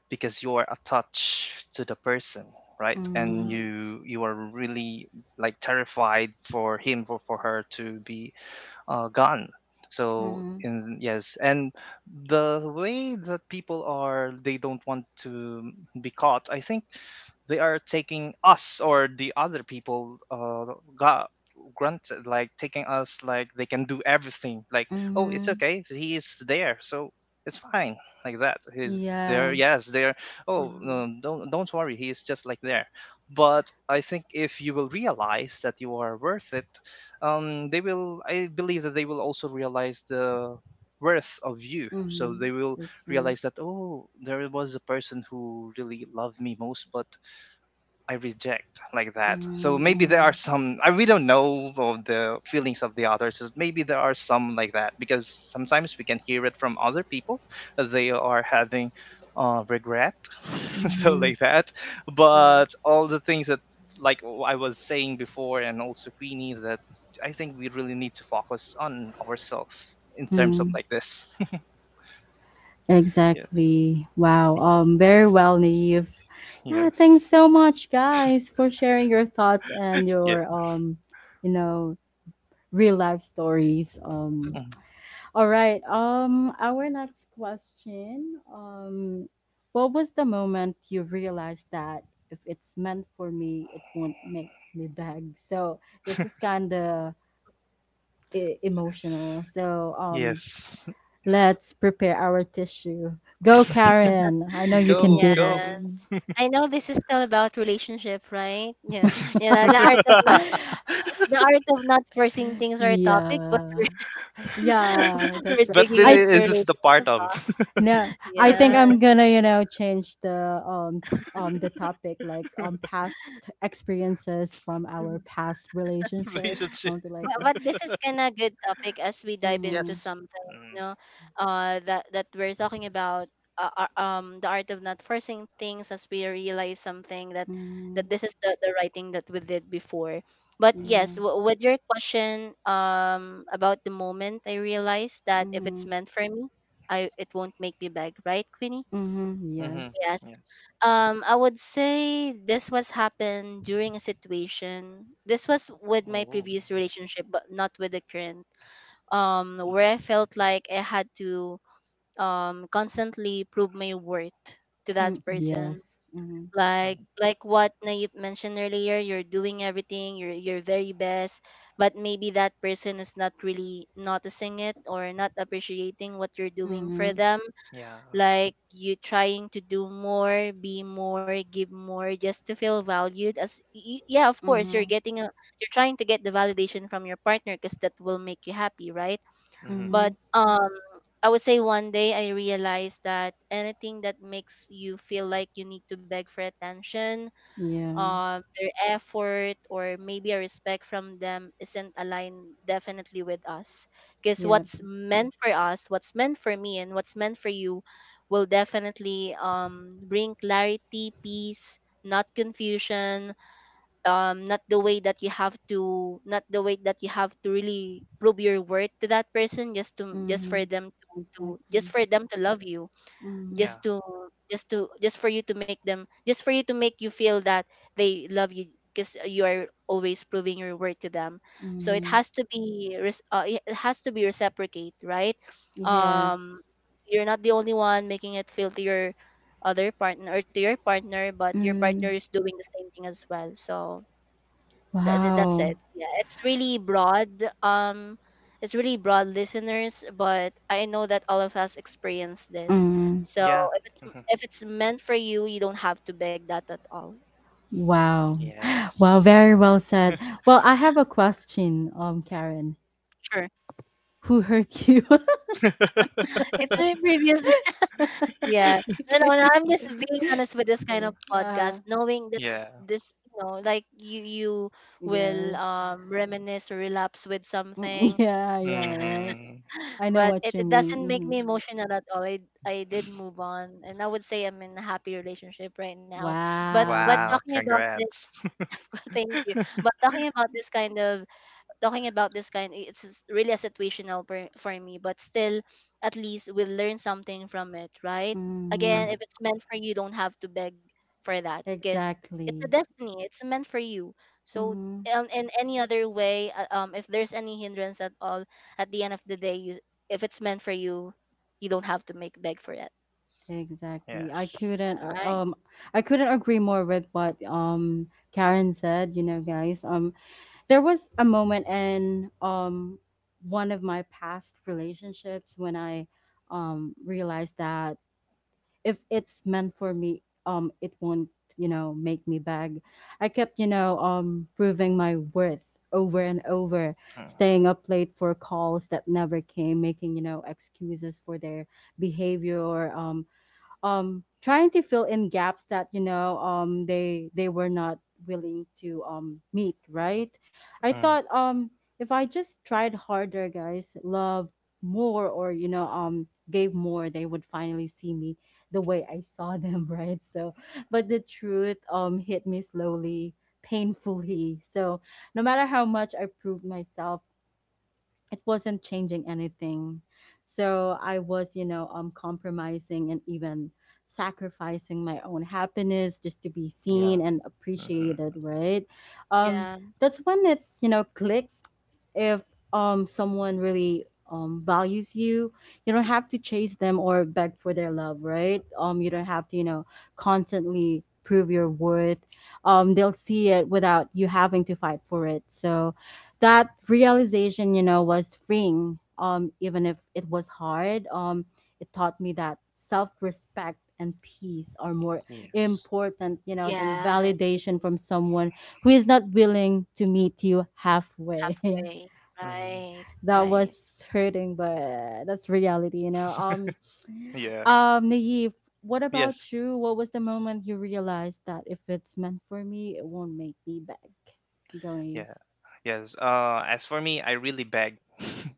S3: because you're attached to the person, right? And
S1: Mm-hmm.
S2: Mm-hmm.
S3: you are really like terrified for him or for her to be gotten. So
S1: Mm-hmm.
S3: in yes, and the way that people are, they don't want to be caught. I think they are taking us or the other people got granted, like taking us like they can do everything, like oh, it's
S1: Mhm.
S3: okay, he is there, so it's fine, like that, he's there,
S1: Yeah.
S3: yes there, oh
S2: Hmm.
S3: no, don't worry, he is just like there. But I think if you will realize that you are worth it, they will, I believe that they will also realize the worth of you, so
S1: Mhm.
S3: they will
S1: That's right.
S3: realize that, oh, there was a person who really loved me most but I reject, like that. So
S1: Mhm.
S3: maybe there are
S1: Mhm.
S3: some I we don't know of the feelings of the others. So maybe there are some like that, because sometimes we can hear it from other people that they are having regret, so
S1: Mhm.
S3: like that.
S2: Yeah.
S3: But all the things that like I was saying before, and also Queenie, that I think we really need to focus on ourselves in terms of
S1: Mm.
S3: like this. Yes,
S1: Exactly. Wow. Very well, Naive. Yeah.
S3: yes,
S1: Thanks so much, guys, for sharing your thoughts and
S3: yeah,
S1: your, you know, real life stories.
S2: Mm.
S3: mm,
S1: All right. Our next question. What was the moment you realized that if it's meant for me, it won't make me beg? So this is kind of e- emotional. So,
S3: yes.
S1: let's prepare our tissue. Go, Karen. I know you can
S3: Go,
S2: Yeah.
S1: do
S3: go.
S1: this.
S2: I know this is still about relationship, right? Yeah. Yeah. The art of not forcing things or topic, but
S1: yeah, yeah,
S2: we're
S1: that's right.
S3: But
S2: digging
S3: it
S1: I
S2: into
S3: is this is the part
S2: relationship.
S3: of
S2: Ah.
S1: no, I think
S2: Yes.
S1: I'm gonna, you know, change the topic, like, past experiences from our past relationships,
S3: relationship.
S1: something like
S2: But
S1: that.
S2: this is kinda good topic as we dive into
S1: Mm-hmm.
S3: Yes.
S2: something,
S3: Mm.
S2: you know, that that we're talking about, the art of not forcing things, as we realize something that
S1: mm-hmm
S2: this is the right thing that we did before. But
S1: yeah.
S2: yes, with your question, about the moment I realized that if it's
S1: Mm-hmm.
S2: meant for me, I it won't make me beg, right, Queenie?
S1: Mm-hmm.
S3: Mm-hmm.
S1: Yes.
S2: Yes.
S3: Yes.
S2: I would say this was happened during a situation. This was with my
S3: Oh.
S2: previous relationship, but not with the current. Where I felt like I had to constantly prove my worth to that
S1: Mm,
S2: person.
S1: yes. Mm-hmm.
S2: Like
S3: Um,
S2: what Nayib mentioned earlier, you're doing everything, you're your very best, but maybe that person is not really noticing it or not appreciating what you're doing for
S1: Mm-hmm.
S2: them.
S3: yeah.
S2: Like you trying to do more, be more, give more, just to feel valued. As yeah, of course you're
S1: Mhm.
S2: getting a, you're trying to get the validation from your partner because that will make you happy, right?
S3: Mm-hmm.
S2: But
S1: Mhm.
S2: um, I would say one day I realized that anything that makes you feel like you need to beg for attention,
S1: Yeah. Yeah.
S2: um, their effort or maybe a respect from them, isn't aligned definitely with us. Because
S1: Yep.
S2: what's meant for us, what's meant for me and what's meant for you, will definitely bring clarity, peace, not confusion. Not the way that you have to, not the way that you have to really prove your worth to that person just to, just for
S1: Mhm.
S2: them to, just
S1: Exactly.
S2: for them to love you,
S1: Mhm.
S3: Yeah.
S2: just to, just to, just for you to make them, just for you to make you feel that they love you, because you are always proving your worth to them. So it
S1: Mhm.
S2: has to be it it has to be reciprocate, right?
S1: Yes.
S2: Um, you're not the only one making it feel to your other partner, or to your partner, but your partner
S1: Mm.
S2: is doing the same thing as well. So that's
S1: Wow.
S2: it. Yeah, it's really broad. Um, it's really broad, listeners. But I know that all of us experience this.
S1: Mm.
S2: So
S3: Yeah.
S2: if it's,
S3: Mm-hmm.
S2: if it's meant for you, you don't have to beg that at all.
S1: Wow. Wow. Very
S3: Yes.
S1: well said. Well, I have a question, Karen.
S2: Sure,
S1: Who hurt you?
S2: it's my previous. Yeah, no, no, no,
S1: okay.
S2: I'm just being honest with this kind of
S1: okay.
S2: podcast, knowing that
S3: Yeah.
S2: this, you know, like you will
S1: Yes.
S2: reminisce or relapse with
S1: Mm,
S2: something.
S1: Yeah. Yeah. Right.
S3: Mm-hmm.
S1: I know
S2: But
S1: what
S2: it,
S1: you
S2: it
S1: mean.
S2: doesn't make
S1: Mhm.
S2: me emotional at all. I did move on, and I would say I'm in a happy relationship right now. But
S1: Wow.
S3: Wow.
S2: talking about this,
S3: Congrats.
S2: thank you. But talking about this kind of, talking about this kind, it's really a situational per, for me, but still, at least we'll learn something from it, right?
S1: Mhm.
S2: Again,
S3: mm-hmm.
S2: if it's meant for you, don't have to beg for that, because it's a
S1: Exactly.
S2: destiny, it's meant for you. So
S1: Mhm.
S2: in any other way, if there's any hindrance at all, at the end of the day you, if it's meant for you, you don't have to make beg for it,
S1: Exactly.
S3: Yes.
S2: right?
S1: I couldn't agree more with what, Karen said, you know, guys. There was a moment in, one of my past relationships when I realized that if it's meant for me, it won't, you know, make me beg. I kept, you know, proving my worth over and over, staying up late for calls that never came, making, you know, excuses for their behavior or trying to fill in gaps that, you know, they were not willing to, meet, right? I
S3: Mm-hmm.
S1: thought, if I just tried harder, guys, love more, or, you know, gave more, they would finally see me the way I saw them. Right? So but the truth, hit me slowly, painfully. So no matter how much I proved myself, it wasn't changing anything. So I was, you know, compromising and even sacrificing my own happiness just to be
S3: Yeah.
S1: seen and
S3: Mm-hmm.
S1: appreciated, right? Um,
S2: Yeah.
S1: that's when it, you know, clicked. If, someone really, values you, you don't have to chase them or beg for their love, right? You don't have to, you know, constantly prove your worth. They'll see it without you having to fight for it. So that realization, you know, was freeing. Even if it was hard, it taught me that self-respect and peace are more
S3: Yes.
S1: important, you know, than
S2: Yes, agree.
S1: validation from someone who is not willing to meet you halfway.
S2: Halfway.
S3: Mm-hmm.
S2: Right.
S1: That
S2: Right.
S1: was hurting, but that's reality, you know.
S3: Yeah.
S1: Naive, what about
S3: Yes.
S1: you? What was the moment you realized that if it's meant for me, it won't make me beg? Go, Naive.
S3: Yeah. Yes. As for me, I really beg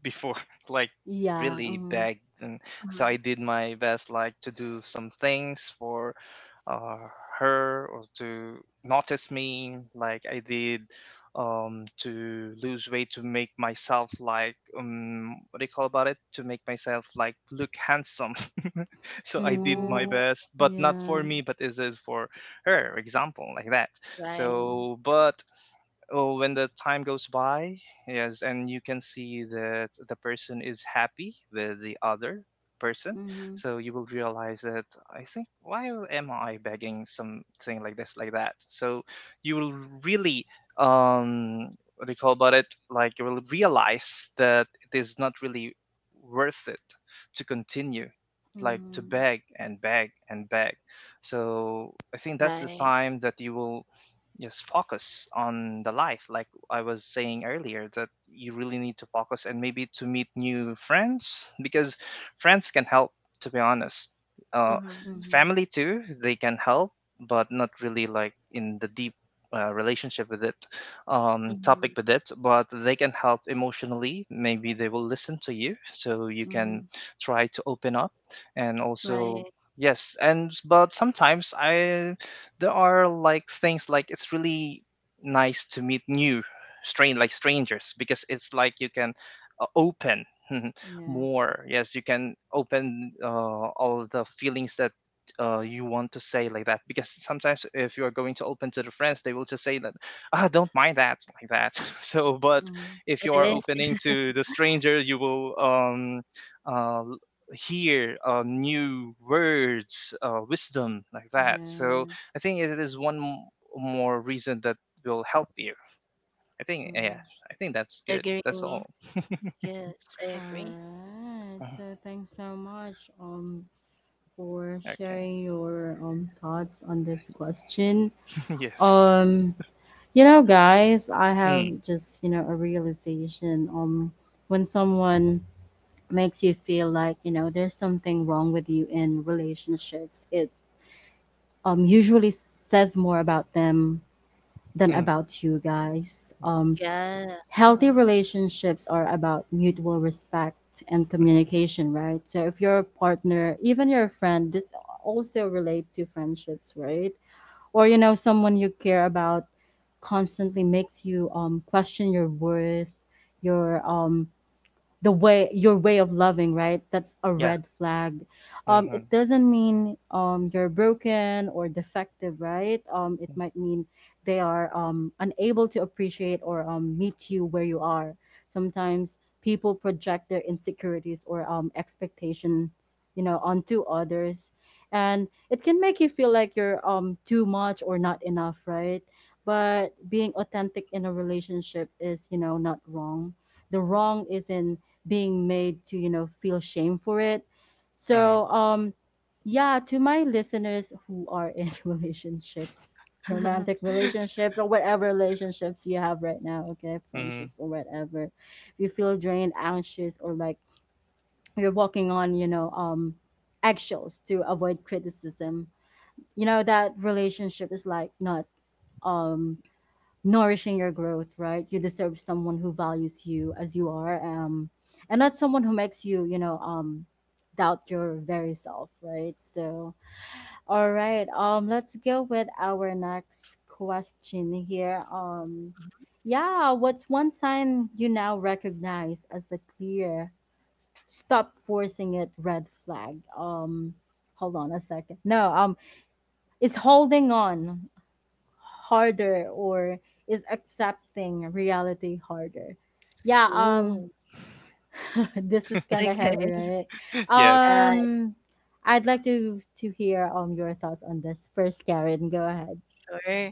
S3: before, like
S1: Yeah.
S3: really
S1: Mm-hmm.
S3: begged. And
S2: Mm-hmm.
S3: so I did my best, like to do some things for uh, her, or to notice me like I did, to lose weight to make myself like, what do you call about it, to make myself like look handsome. So I did my
S1: Mhm.
S2: Ooh.
S3: best, but not for
S1: Yeah.
S2: Mhm.
S3: me, but this is for her example like that.
S2: Right.
S1: Mm.
S3: So but oh, when the time goes by, yes, and you can see that the person is happy with the other person,
S1: Mhm.
S3: so you will realize that I think, why am I begging something like this, like that? So you will really um what do you call about it? Like you will realize that it is not really worth it to continue like to
S1: Mhm.
S3: beg and beg and beg. So I think that's the
S2: Right.
S3: time that you will just focus on the life, like I was saying earlier, that you really need to focus and maybe to meet new friends because friends can help, to be honest. uh,
S2: Mm-hmm.
S1: Mhm.
S3: Family too, they can help, but not really like in the deep relationship with it, topic
S2: Mm-hmm.
S3: with it, but they can help emotionally. Maybe they will listen to you so you can
S1: Mhm.
S3: try to open up. And also
S2: Right.
S3: yes, and but sometimes I there are like things like it's really nice to meet new strain like strangers because it's like you can open
S1: Yeah.
S3: more. Yes, you can open all the feelings that you want to say, like that, because sometimes if you are going to open to the friends, they will just say that, ah, don't mind that, like that. So but
S1: Mhm.
S3: if you are
S2: It
S3: opening
S2: is.
S3: to the stranger, you will uh, hear new words, wisdom, like that. So
S1: Yes.
S3: I think it is more reason that will help you. I think yeah,
S1: Mhm.
S3: I think that's good. That's
S2: Agree.
S3: all.
S2: Yes, I
S1: All
S2: agree.
S1: right.
S3: Mhm.
S1: So thanks so much, for
S3: Okay.
S1: sharing your, thoughts on this question.
S3: Yes.
S1: Um you know, guys, I have
S3: Mm,
S1: just, you know, a realization, when someone makes you feel like, you know, there's something wrong with you in relationships. It, usually says more about them than
S3: mm, mm.
S1: about you, guys.
S2: Yeah.
S1: Healthy relationships are about mutual respect and communication, right? So if your partner, even your friend, this also relate to friendships, right? Or, you know, someone you care about constantly makes you question your worth, your the way your way of loving, that's a
S3: Yeah.
S1: red flag. It
S3: Mm-hmm.
S1: doesn't mean you're broken or defective right it might mean they are unable to appreciate or meet you where you are. Sometimes people project their insecurities or expectations, you know, onto others, and it can make you feel like you're too much or not enough right but being authentic in a relationship is, you know, not wrong. The wrong is in being made to, you know, feel shame for it.
S3: Mm-hmm.
S1: So, yeah, to my listeners who are in relationships,
S2: Uh-huh.
S1: romantic relationships, or whatever relationships you have right now, okay,
S3: Mm.
S1: friendships or whatever, if you feel drained, anxious, or like you're walking on, you know, eggshells to avoid criticism, you know that relationship is like not um nourishing your growth, right? You deserve someone who values you as you are, and not someone who makes you, you know, doubt your very self, right? So, all right, let's go with our next question here. Yeah, what's one sign you now recognize as a clear stop forcing it red flag? Hold on a second. No, it's holding on harder or is accepting reality harder? Yeah,
S2: Ooh.
S1: this is kind of
S2: Okay.
S1: heavy, right?
S3: Yes.
S2: Yeah,
S1: Um I'd like to hear your thoughts on this first, Karen. Go ahead.
S2: sure.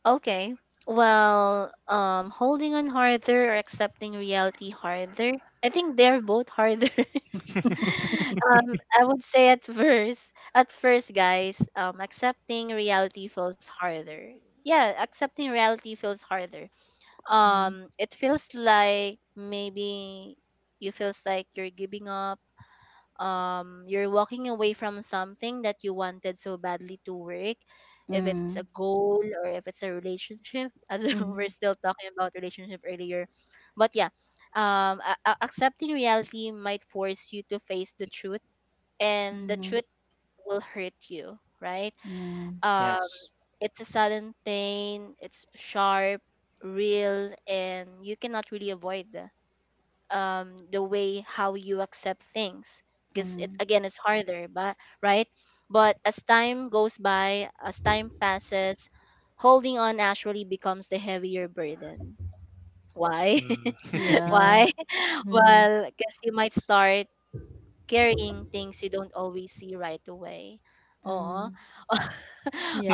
S2: Okay. Well, holding on harder or accepting reality harder. I think they're both harder. Um, I would say at first, guys, accepting reality feels harder. Yeah, accepting reality feels harder.
S1: Mm.
S2: Um, it feels like maybe you feels like you're giving up. Um, you're walking away from something that you wanted so badly to work, if it's a
S1: Mm.
S2: goal or if it's a relationship. As in we're still talking about relationship earlier, but yeah, um, accepting reality might force you to face the truth, and the
S1: Mm-hmm.
S2: truth will hurt you, right? Um,
S3: Yes.
S2: it's a sudden pain, it's sharp, real, and you cannot really avoid the way how you accept things, because it
S1: Mm-hmm.
S2: again is harder, but right? But as time goes by, as time passes, holding on actually becomes the heavier burden. Why?
S3: Mm.
S1: Yeah.
S2: Why?
S1: Mm. Yeah. Mm.
S2: Well, because you might start carrying things you don't always see right away. Oo.
S1: Mm.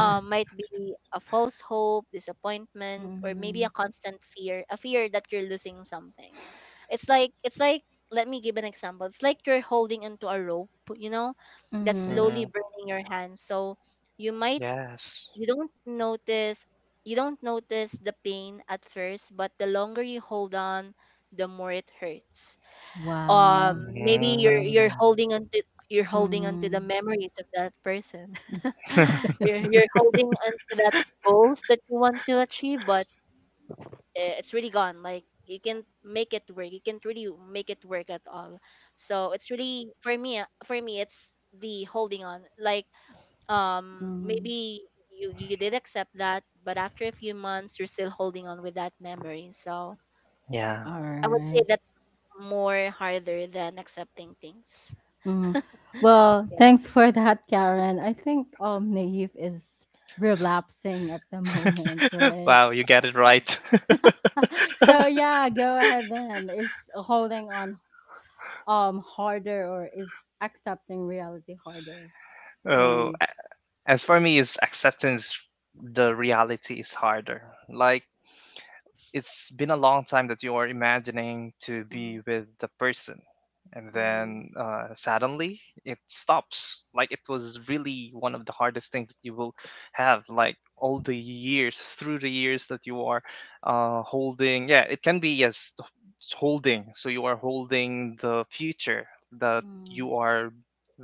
S2: Um, might be a false hope, disappointment, or maybe
S1: Mm-hmm.
S2: a constant fear, a fear that you're losing something. It's like, let me give an example. It's like you're holding onto a rope, you know, that's
S1: Mm.
S2: slowly
S3: Mm.
S2: burning your hands. So you might,
S3: Yes.
S2: you don't notice, you don't notice the pain at first, but the longer you hold on, the more it hurts. Um,
S1: Wow.
S2: maybe you're
S3: Mm.
S2: holding on to, you're holding on to the
S1: Mm.
S2: memories of that person. You're holding on to that goals that you want to achieve, but eh, it's really gone, like you can't make it work, you can't really make it work at all. So it's really for me, for me it's the holding on, like um,
S1: Mm.
S2: maybe you did accept that, but after a few months you're still holding on with that memory. So
S3: Yeah.
S1: All
S2: I would say
S1: right.
S2: that's more harder than accepting things. Yeah.
S1: Mm. Well, thanks for that, Karen. I think Naive is relapsing at the moment, right?
S3: Wow, you got it right.
S1: So yeah, go ahead then. Is holding on harder or is accepting reality harder? Go
S3: Oh,
S1: Naive.
S3: as for me, is acceptance the reality is harder. Like, it's been a long time that you are imagining to
S1: Mm,
S3: be with the person, and
S1: mm,
S3: then suddenly it stops. Like, it was really one of the hardest things that you will have, like all the years, through the years that you are holding. Yeah, it can be, yes, holding, so you are holding the future that
S1: mm,
S3: you are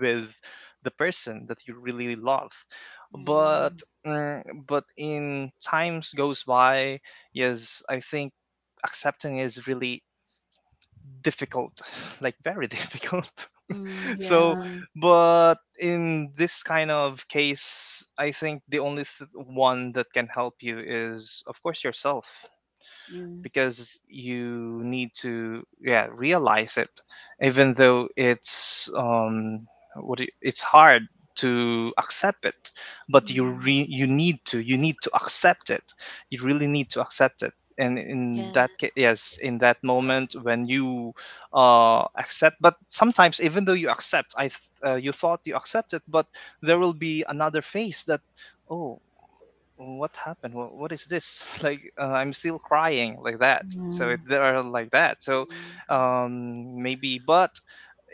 S3: with the person that you really love. But
S1: yeah.
S3: mm, but in times goes by, yes, I think accepting is really difficult, like very difficult.
S1: Mm,
S3: So,
S2: Yeah.
S1: yeah.
S3: but in this kind of case, I think the only one that can help you is, of course, yourself,
S1: Yes.
S3: because you need to, yeah, realize it even though it's what do you- it's hard to accept it, but you
S1: Mm,
S3: you need to accept it. You really need to accept it. And in that case,
S2: Yes.
S3: yes, in that moment when you accept. But sometimes even though you accept, you thought you accepted, but there will be another phase that, oh, what happened, what is this? Like, I'm still crying, like that. So
S1: yeah.
S3: it, they are like that. So
S2: Mhm.
S3: um, maybe. But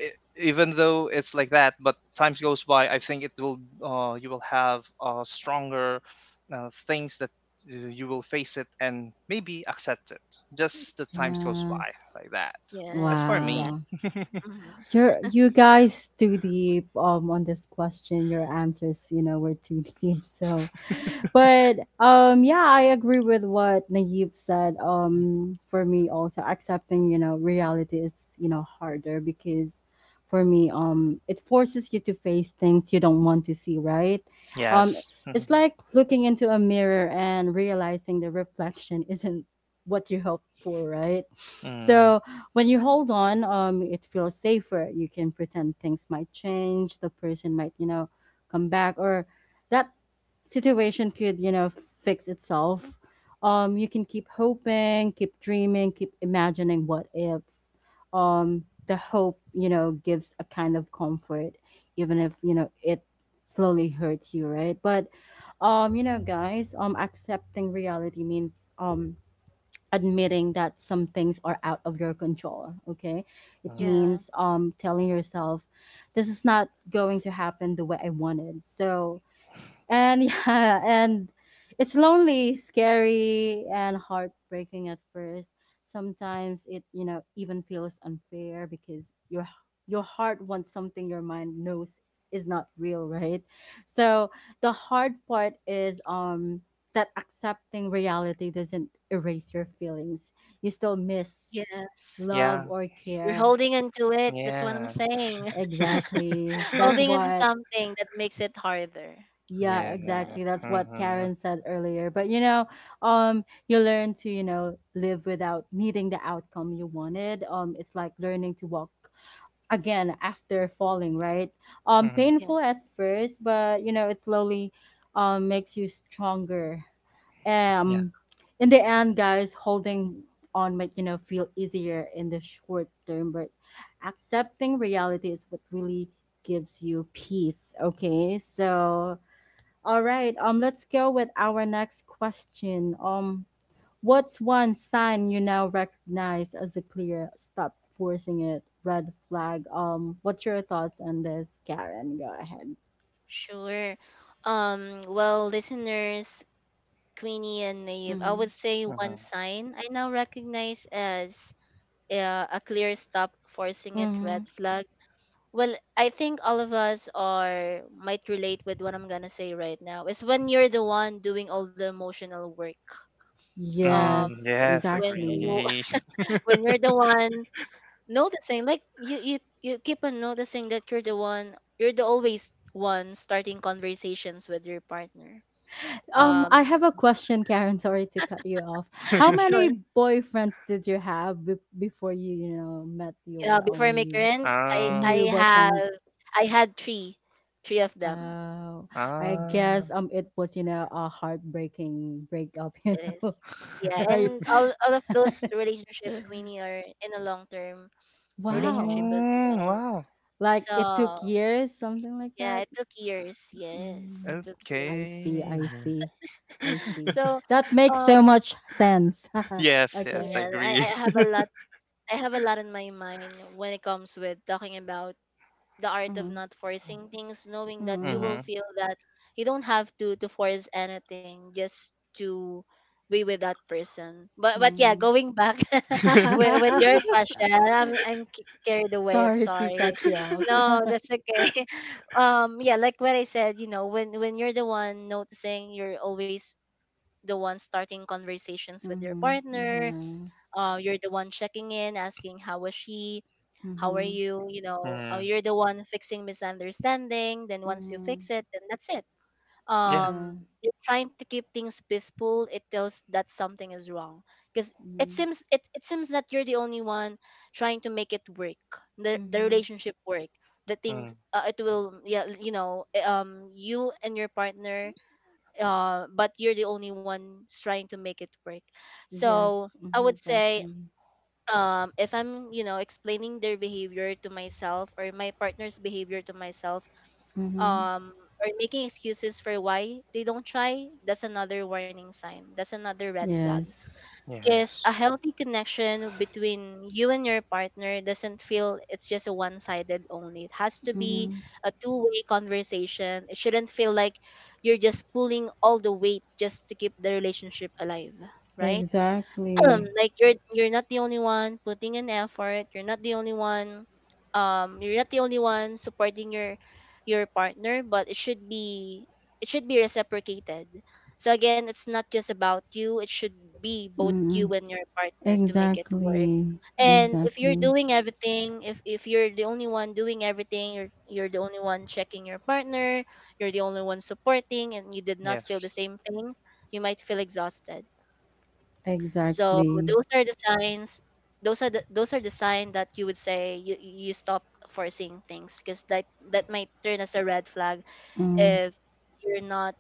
S3: even though it's like that, but times goes by, I think it will you will have stronger things that you will face it and maybe accept it, just the times goes
S1: Yes.
S3: by like that. As
S2: Yes,
S3: for me,
S2: exactly.
S1: Wow.
S2: Hmm.
S1: You're you guys too deep on this question. Your answers, you know, were too deep. So, but yeah, I agree with what Naive said.
S3: mm,
S1: For me also accepting, you know, reality is, you know, harder because for me it forces you to face things you don't want to see, right? Um
S3: yes.
S1: it's like looking into a mirror and realizing the reflection isn't what you hoped for, right?
S3: Mm,
S1: So, when you hold on, it feels safer. You can pretend things might change. The person might, you know, come back, or that situation could, you know, fix itself. You can keep hoping, keep dreaming, keep imagining what if. The hope, you know, gives a kind of comfort, even if you know it slowly hurts you, right? But, you know, guys, accepting reality means admitting that some things are out of your control, okay. It
S3: mm.
S2: Yeah.
S1: means telling yourself this is not going to happen the way I wanted. So and yeah, and it's lonely, scary, and heartbreaking at first. Sometimes it, you know, even feels unfair because your heart wants something your mind knows is not real, right? So the hard part is that accepting reality doesn't erase your feelings. You still miss
S2: Yes.
S1: love
S3: Yeah,
S1: or
S2: You're
S1: care.
S2: holding onto it. That's what I'm
S3: yeah.
S2: saying.
S1: Exactly. That's
S2: Holding onto
S1: what.
S2: something that makes it harder.
S1: Yeah,
S3: Yeah.
S2: Right.
S1: exactly. That's what Karen said earlier. But you know, you learn to, you know, live without needing the outcome you wanted. It's like learning to walk again after falling, right?
S3: Mhm.
S1: Painful
S2: Yes.
S1: at first, but you know, it slowly makes you stronger.
S3: Yeah.
S1: Um, in the end, guys, holding on might, you know, feel easier in the short term, but accepting reality is what really gives you peace. Okay, so all right. Let's go with our next question. What's one sign you now recognize as a clear stop forcing it red flag? What's your thoughts on this, Karen? Go ahead.
S2: Sure. Well, listeners, Queenie and Naive, I would
S1: Mm-hmm.
S2: say one
S3: Mhm.
S2: sign I now recognize as a clear stop forcing it
S1: Mm-hmm.
S2: red flag. Well, I think all of us are might relate with what I'm gonna say right now. Is when you're the one doing all the emotional work. Um,
S3: Mm,
S1: Yes,
S3: yes,
S2: when
S1: exactly.
S2: w-
S3: agree.
S2: when you're the one noticing, like you keep on noticing that you're the one, you're the always one starting conversations with your partner.
S3: Mm.
S1: I
S2: Um,
S1: have a question, Karen. Sorry to cut you off. How
S2: sure.
S1: many boyfriends did you have before you, you know, met
S2: Yeah,
S1: your
S2: before I make
S1: new
S2: rent, I
S3: Ah,
S1: new
S2: have
S1: boyfriend?
S2: I had three, three of them.
S1: Oh, I
S3: ah.
S1: guess it was, you know, a heartbreaking breakup, you
S2: It
S1: know,
S2: is. Yeah,
S1: right?
S2: and all of those relationship Queenie are in a long term relationship
S1: Wow.
S2: as
S3: Mm,
S2: well.
S3: wow.
S1: Like it
S2: So
S1: took years, something like
S2: yeah,
S1: that.
S2: it took years.
S1: Mm,
S2: Yes, it took
S1: I
S2: years.
S1: see,
S3: Okay.
S1: I see. I see.
S2: So
S1: That makes
S2: um,
S1: so much sense.
S3: Yes, yes,
S1: Okay.
S2: yeah, I,
S3: agree.
S2: I have a lot I have a lot in my mind when it comes with talking about the art of
S1: Mm,
S2: not forcing things, knowing that you
S1: mm,
S2: will
S3: Mm-hmm.
S2: feel that you don't have to force anything, just to be with that person. But yeah,
S1: mm.
S2: going back with your question, I'm carried away. I'm
S1: Sorry to
S2: sorry.
S1: cut you off.
S2: No, that's okay. Yeah, like what I said, you know, when you're the one noticing, you're always the one starting conversations with your
S1: Mm-hmm.
S2: partner,
S1: Yes.
S2: you're the one checking in, asking how was she, how are
S1: Mm-hmm.
S2: you, you know,
S3: Mm,
S2: you're the one fixing misunderstanding, then once you
S1: Mm-hmm.
S2: fix it then that's it.
S3: yeah.
S1: Yeah.
S2: Um, you're trying to keep things peaceful, it tells that something is wrong, because it
S1: Mhm,
S2: seems it seems that you're the only one trying to make it work, the
S1: mhm.
S2: relationship work. The things,
S3: Mm,
S2: it will yeah, you know, you and your partner, uh, but you're the only one trying to make it work. So
S1: Yes,
S2: I
S1: mhm,
S2: would say
S1: exactly.
S2: um, if I'm, you know, explaining their behavior to myself, or my partner's behavior to myself,
S1: Mhm.
S2: um, or making excuses for why they don't try, that's another warning sign, that's another red flag.
S1: Yes.
S2: Because
S3: yes.
S2: a healthy connection between you and your partner doesn't feel it's just a one-sided only, it has to be
S1: Mhm.
S2: a two-way conversation. It shouldn't feel like you're just pulling all the weight just to keep the relationship alive, right?
S1: Exactly.
S3: Mm,
S2: Like you're not the only one putting an effort, you're not the only one um, you're not the only one supporting your partner, but it should be, it should be reciprocated. So again, it's not just about you, it should be both you
S1: Mhm.
S2: and your partner to make it work.
S1: Exactly.
S2: And if you're
S1: Exactly.
S2: doing everything, if you're the only one doing everything, you're the only one checking your partner, you're the only one supporting, and you did not feel
S3: yes.
S2: the same thing, you might feel exhausted. So
S1: Exactly.
S2: those are the signs. Those are the, those are the sign that you would say you stop forcing things, because that, that might turn as a red flag
S1: Mm,
S2: if you're not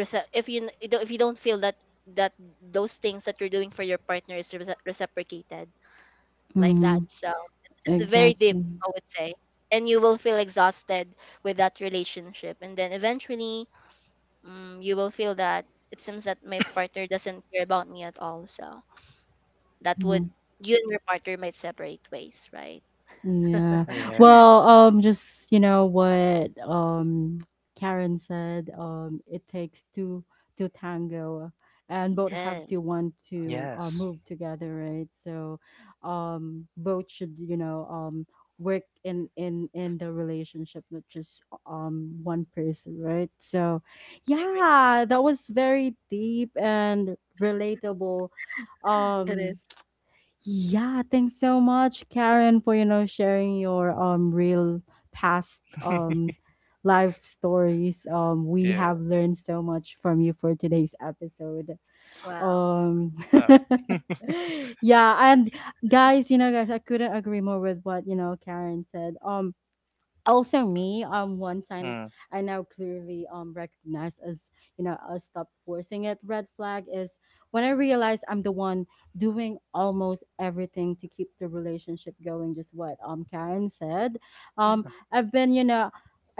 S2: rece- if you if you don't feel that that those things that you're doing for your partner is reciprocated, like that.
S1: mhm.
S2: So it's very deep,
S1: Exactly.
S2: I would say, and you will feel exhausted with that relationship, and then eventually, you will feel that it seems that my partner doesn't care about me at all. So that
S1: Mm-hmm.
S2: would, you and your partner might separate ways, right?
S1: Yeah. Well,
S3: Yes.
S1: just you know what Karen said, it takes two to tango and both have
S2: Yes,
S1: to want to
S3: Yes.
S1: move together, right? So both should, you know, work in the relationship, not just one person, right? So
S2: I agree.
S1: yeah, that was very deep and relatable
S2: It
S1: um
S2: is.
S1: yeah, thanks so much, Karen, for you know sharing your real past life stories. We
S3: Yeah.
S1: have learned so much from you for today's episode.
S2: Wow.
S1: Um,
S3: Wow.
S1: yeah, and guys, you know, guys, I couldn't agree more with what you know Karen said. Also me one sign
S3: Mm,
S1: I now clearly recognize as, you know, a stop forcing it red flag is when I realize I'm the one doing almost everything to keep the relationship going, just what Karen said. um
S2: Mhm.
S1: I've been, you know,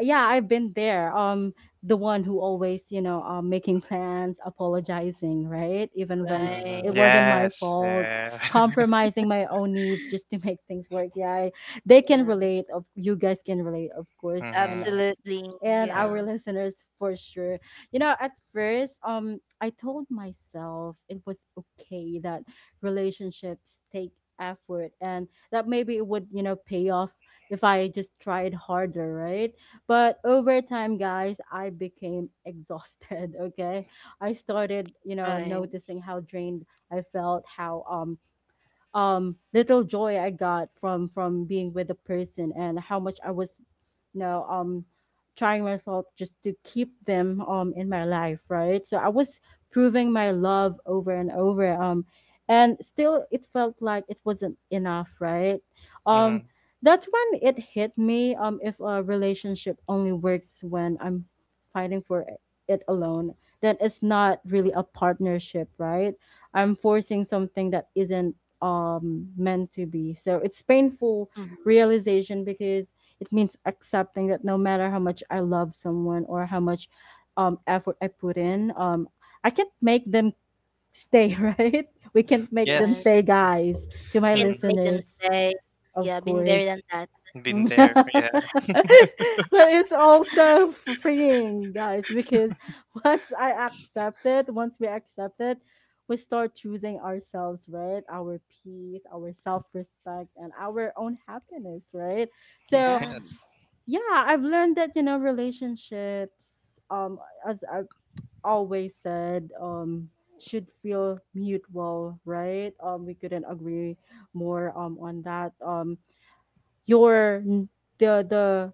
S1: yeah, I've been there, the one who always, you know, making plans, apologizing, right, even when
S3: mm,
S2: Right.
S1: it wasn't my
S3: yes.
S1: fault,
S3: Yeah.
S1: compromising my own needs just to make things work. Yeah, they can
S2: Yes.
S1: relate of, you guys can relate of course,
S3: Mm-hmm.
S2: Absolutely.
S1: and
S2: Yeah.
S3: Yes.
S1: our listeners for sure. You know, at first I told myself it was okay that relationships take effort and that maybe it would, you know, pay off if I just tried harder, right? But over time, guys, I became exhausted. Okay. I started, you know,
S2: Right.
S1: noticing how drained I felt, how little joy I got from being with a person and how much I was know trying myself just to keep them in my life, right? So I was proving my love over and over, um, and still it felt like it wasn't enough, right? Um,
S3: Mm-hmm.
S1: that's when it hit me. If a relationship only works when I'm fighting for it alone, then it's not really a partnership, right? I'm forcing something that isn't meant to be. So it's painful
S2: Hmm.
S1: realization because it means accepting that no matter how much I love someone or how much effort I put in, I can't make them stay, right? We can't make them
S2: Yes.
S3: Yes.
S1: stay, guys.
S2: You
S1: To my
S2: can't
S3: Mm-hmm.
S2: make them
S1: listeners,
S2: stay.
S1: of
S2: Yeah. Been there than
S1: course.
S2: that.
S3: Been there.
S1: But
S3: Yeah.
S1: it's also freeing, guys, because once I accept it, once we accept it, we start choosing ourselves, right? Our peace, our self respect, and our own happiness, right? So
S2: Yeah.
S3: Yes.
S1: yeah, I've learned that, you know, relationships as I've always said should feel mutual, right? We couldn't agree more on that. You're n- the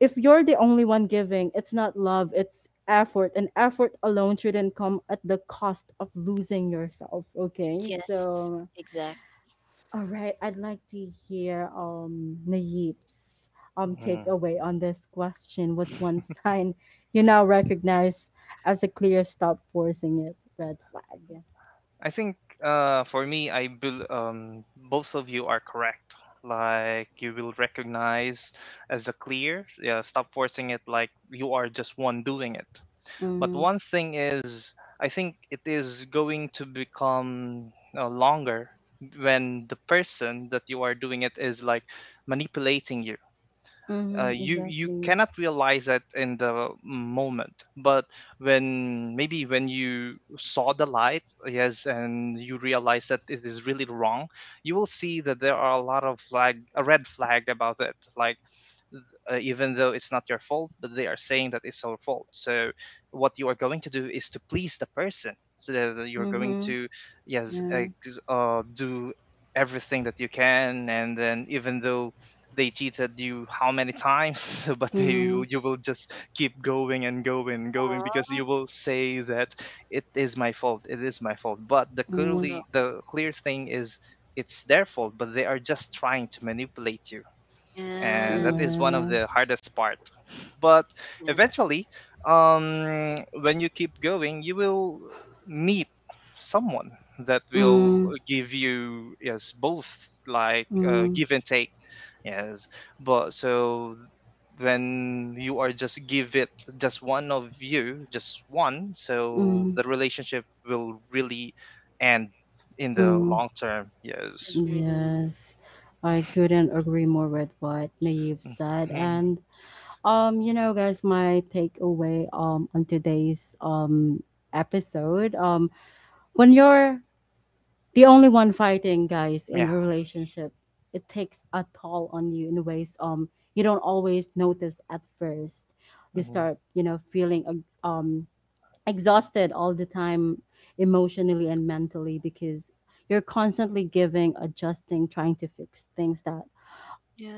S1: if you're the only one giving, it's not love, it's effort, and effort alone shouldn't come at the cost of losing yourself, okay?
S2: Yes.
S1: So
S2: Exactly.
S1: all right, I'd like to hear Naeef's
S3: Mm.
S1: takeaway on this question. What's one sign you now recognize as a clear stop forcing it red flag?
S3: I think for me, I bel both of you are correct. Like, you will recognize as a clear, yeah, stop forcing it. Like, you are just one doing it. But
S1: Mm-hmm.
S3: one thing is, I think it is going to become longer when the person that you are doing it is like manipulating you.
S1: Mm-hmm.
S3: You
S1: Exactly.
S3: cannot realize that in the moment, but when maybe when you saw the light, yes, and you realize that it is really wrong, you will see that there are a red flag about it. Like, even though it's not your fault, but they are saying that it's our fault. So what you are going to do is to please the person, so that you're going
S1: Mm-hmm.
S3: to, yes,
S1: Yeah.
S3: do everything that you can. And then even though they cheated you how many times, but they
S1: Mm-hmm.
S3: will, you will just keep going and going and going because
S2: Aw.
S3: you will say that it is my fault, it is my fault. But
S2: Oh
S1: Mm-hmm.
S2: no.
S3: the clear thing is it's their fault, but they are just trying to manipulate you, and that
S2: Yes.
S3: is one of
S1: Yeah.
S3: the hardest part. But
S2: Yeah.
S3: eventually, um, when you keep going, you will meet someone that will
S1: Mm-hmm.
S3: give you, yes, both, like,
S1: Mm-hmm.
S3: give and take. Yes. But so when you are just give it, just one of you, just one, so
S1: Mm.
S3: the relationship will really end in the
S1: Mm.
S3: long term. Yes.
S2: Agree.
S1: Yes. I couldn't agree more with what Naive said. And um, you know, guys, my takeaway on today's episode, when you're the only one fighting, guys, in
S3: Yeah.
S1: a relationship, it takes a toll on you in ways you don't always notice at first. You start, you know, feeling exhausted all the time, emotionally and mentally, because you're constantly giving, adjusting, trying to fix things that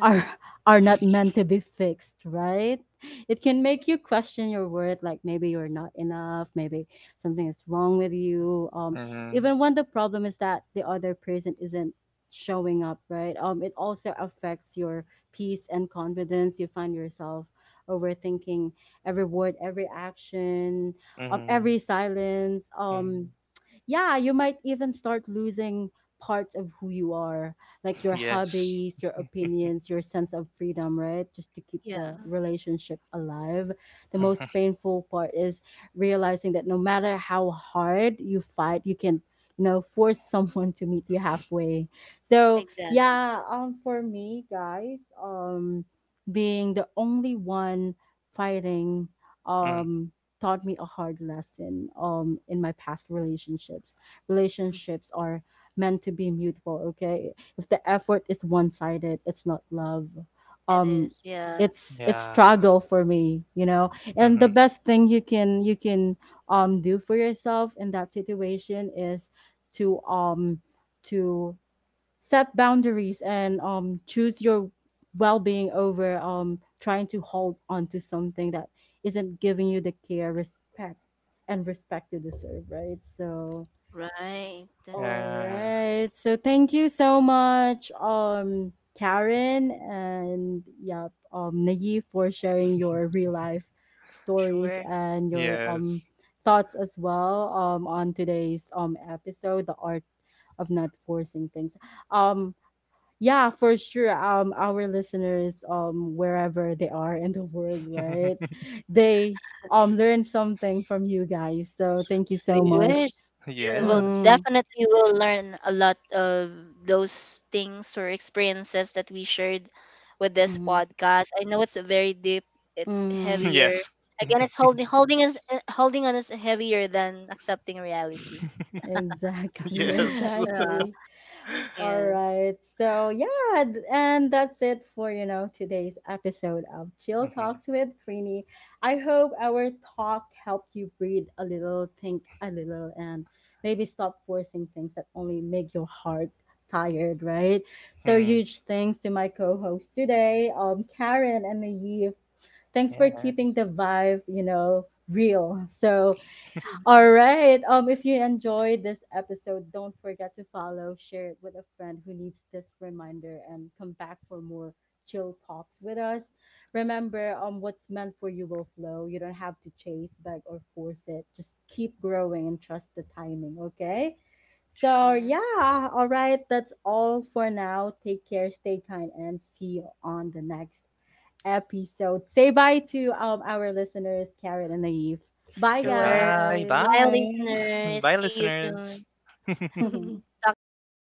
S1: are are not meant to be fixed, right? It can make you question your worth, like maybe you're not enough, maybe something is wrong with you.
S3: Hmm.
S1: Even when the problem is that the other person isn't showing up, right? It also affects your peace and confidence. You find yourself overthinking every word, every action,
S3: Mm-hmm.
S1: every silence.
S3: Mm.
S1: Yeah, you might even start losing parts of who you are, like your
S3: Yes.
S1: hobbies, your opinions, your sense of freedom, right? Just to keep
S2: Yeah.
S1: the relationship alive. The
S2: Mm.
S1: most
S3: Hmm.
S1: painful part is realizing that no matter how hard you fight, you can, you know, force someone to meet you halfway. So,
S2: Exactly.
S1: yeah, for me, guys, being the only one fighting
S3: Mm.
S1: um taught me a hard lesson in my past relationships.
S2: Mhm.
S1: Relationships are meant to be mutual, okay? If the effort is one-sided, it's not love.
S2: It
S1: Um,
S2: is. Yeah.
S1: it's
S3: Yeah.
S1: struggle for me, you know. And the
S3: Mm-hmm.
S1: best thing you can do for yourself in that situation is to um to set boundaries and choose your well-being over trying to hold on to something that isn't giving you the care respect and respect you deserve, right? So
S2: Right.
S1: all
S3: Yeah.
S1: right, so thank you so much Karen and yeah Naive for sharing your real life stories
S2: Sure.
S1: and your
S3: Yes.
S1: thoughts as well on today's episode, the art of not forcing things, um yeah, for sure. Our listeners, wherever they are in the world, right? They learn something from you guys. So thank you so
S2: They would.
S1: much.
S3: Yes.
S2: Yeah, well,
S3: Yes.
S1: Mm,
S2: definitely we'll learn a lot of those things or experiences that we shared with this
S1: mm,
S2: podcast. I know it's very deep. It's
S1: mm.
S2: heavier.
S3: Yes.
S2: Again, it's holding on us heavier than accepting reality.
S1: Exactly,
S3: Yes.
S2: Yeah.
S1: exactly. All
S2: Yes.
S1: right. So, yeah, and that's it for, you know, today's episode of Chill
S3: Mm-hmm.
S1: Talks with Queenie. I hope our talk helped you breathe a little, think a little, and maybe stop forcing things that only make your heart tired, right? So,
S3: Mm.
S1: huge thanks to my co-host today, Karen and Naive. Thanks for keeping the
S3: Yes.
S1: vibe, you know, real. So,
S2: Hmm.
S1: all right. If you enjoyed this episode, don't forget to follow, share it with a friend who needs this reminder, and come back for more chill talks with us. Remember, what's meant for you will flow. You don't have to chase, beg, or force it. Just keep growing and trust the timing. Okay. So
S2: Sure.
S1: yeah, all right. That's all for now. Take care, stay kind, and see you on the next episode. Say bye to our listeners, Karen and Naive. Bye,
S2: Sure.
S3: Goodbye.
S1: guys.
S2: Bye,
S3: Bye.
S2: listeners.
S3: Bye,
S2: See you soon.
S3: listeners.
S2: Talk to you soon. Bye.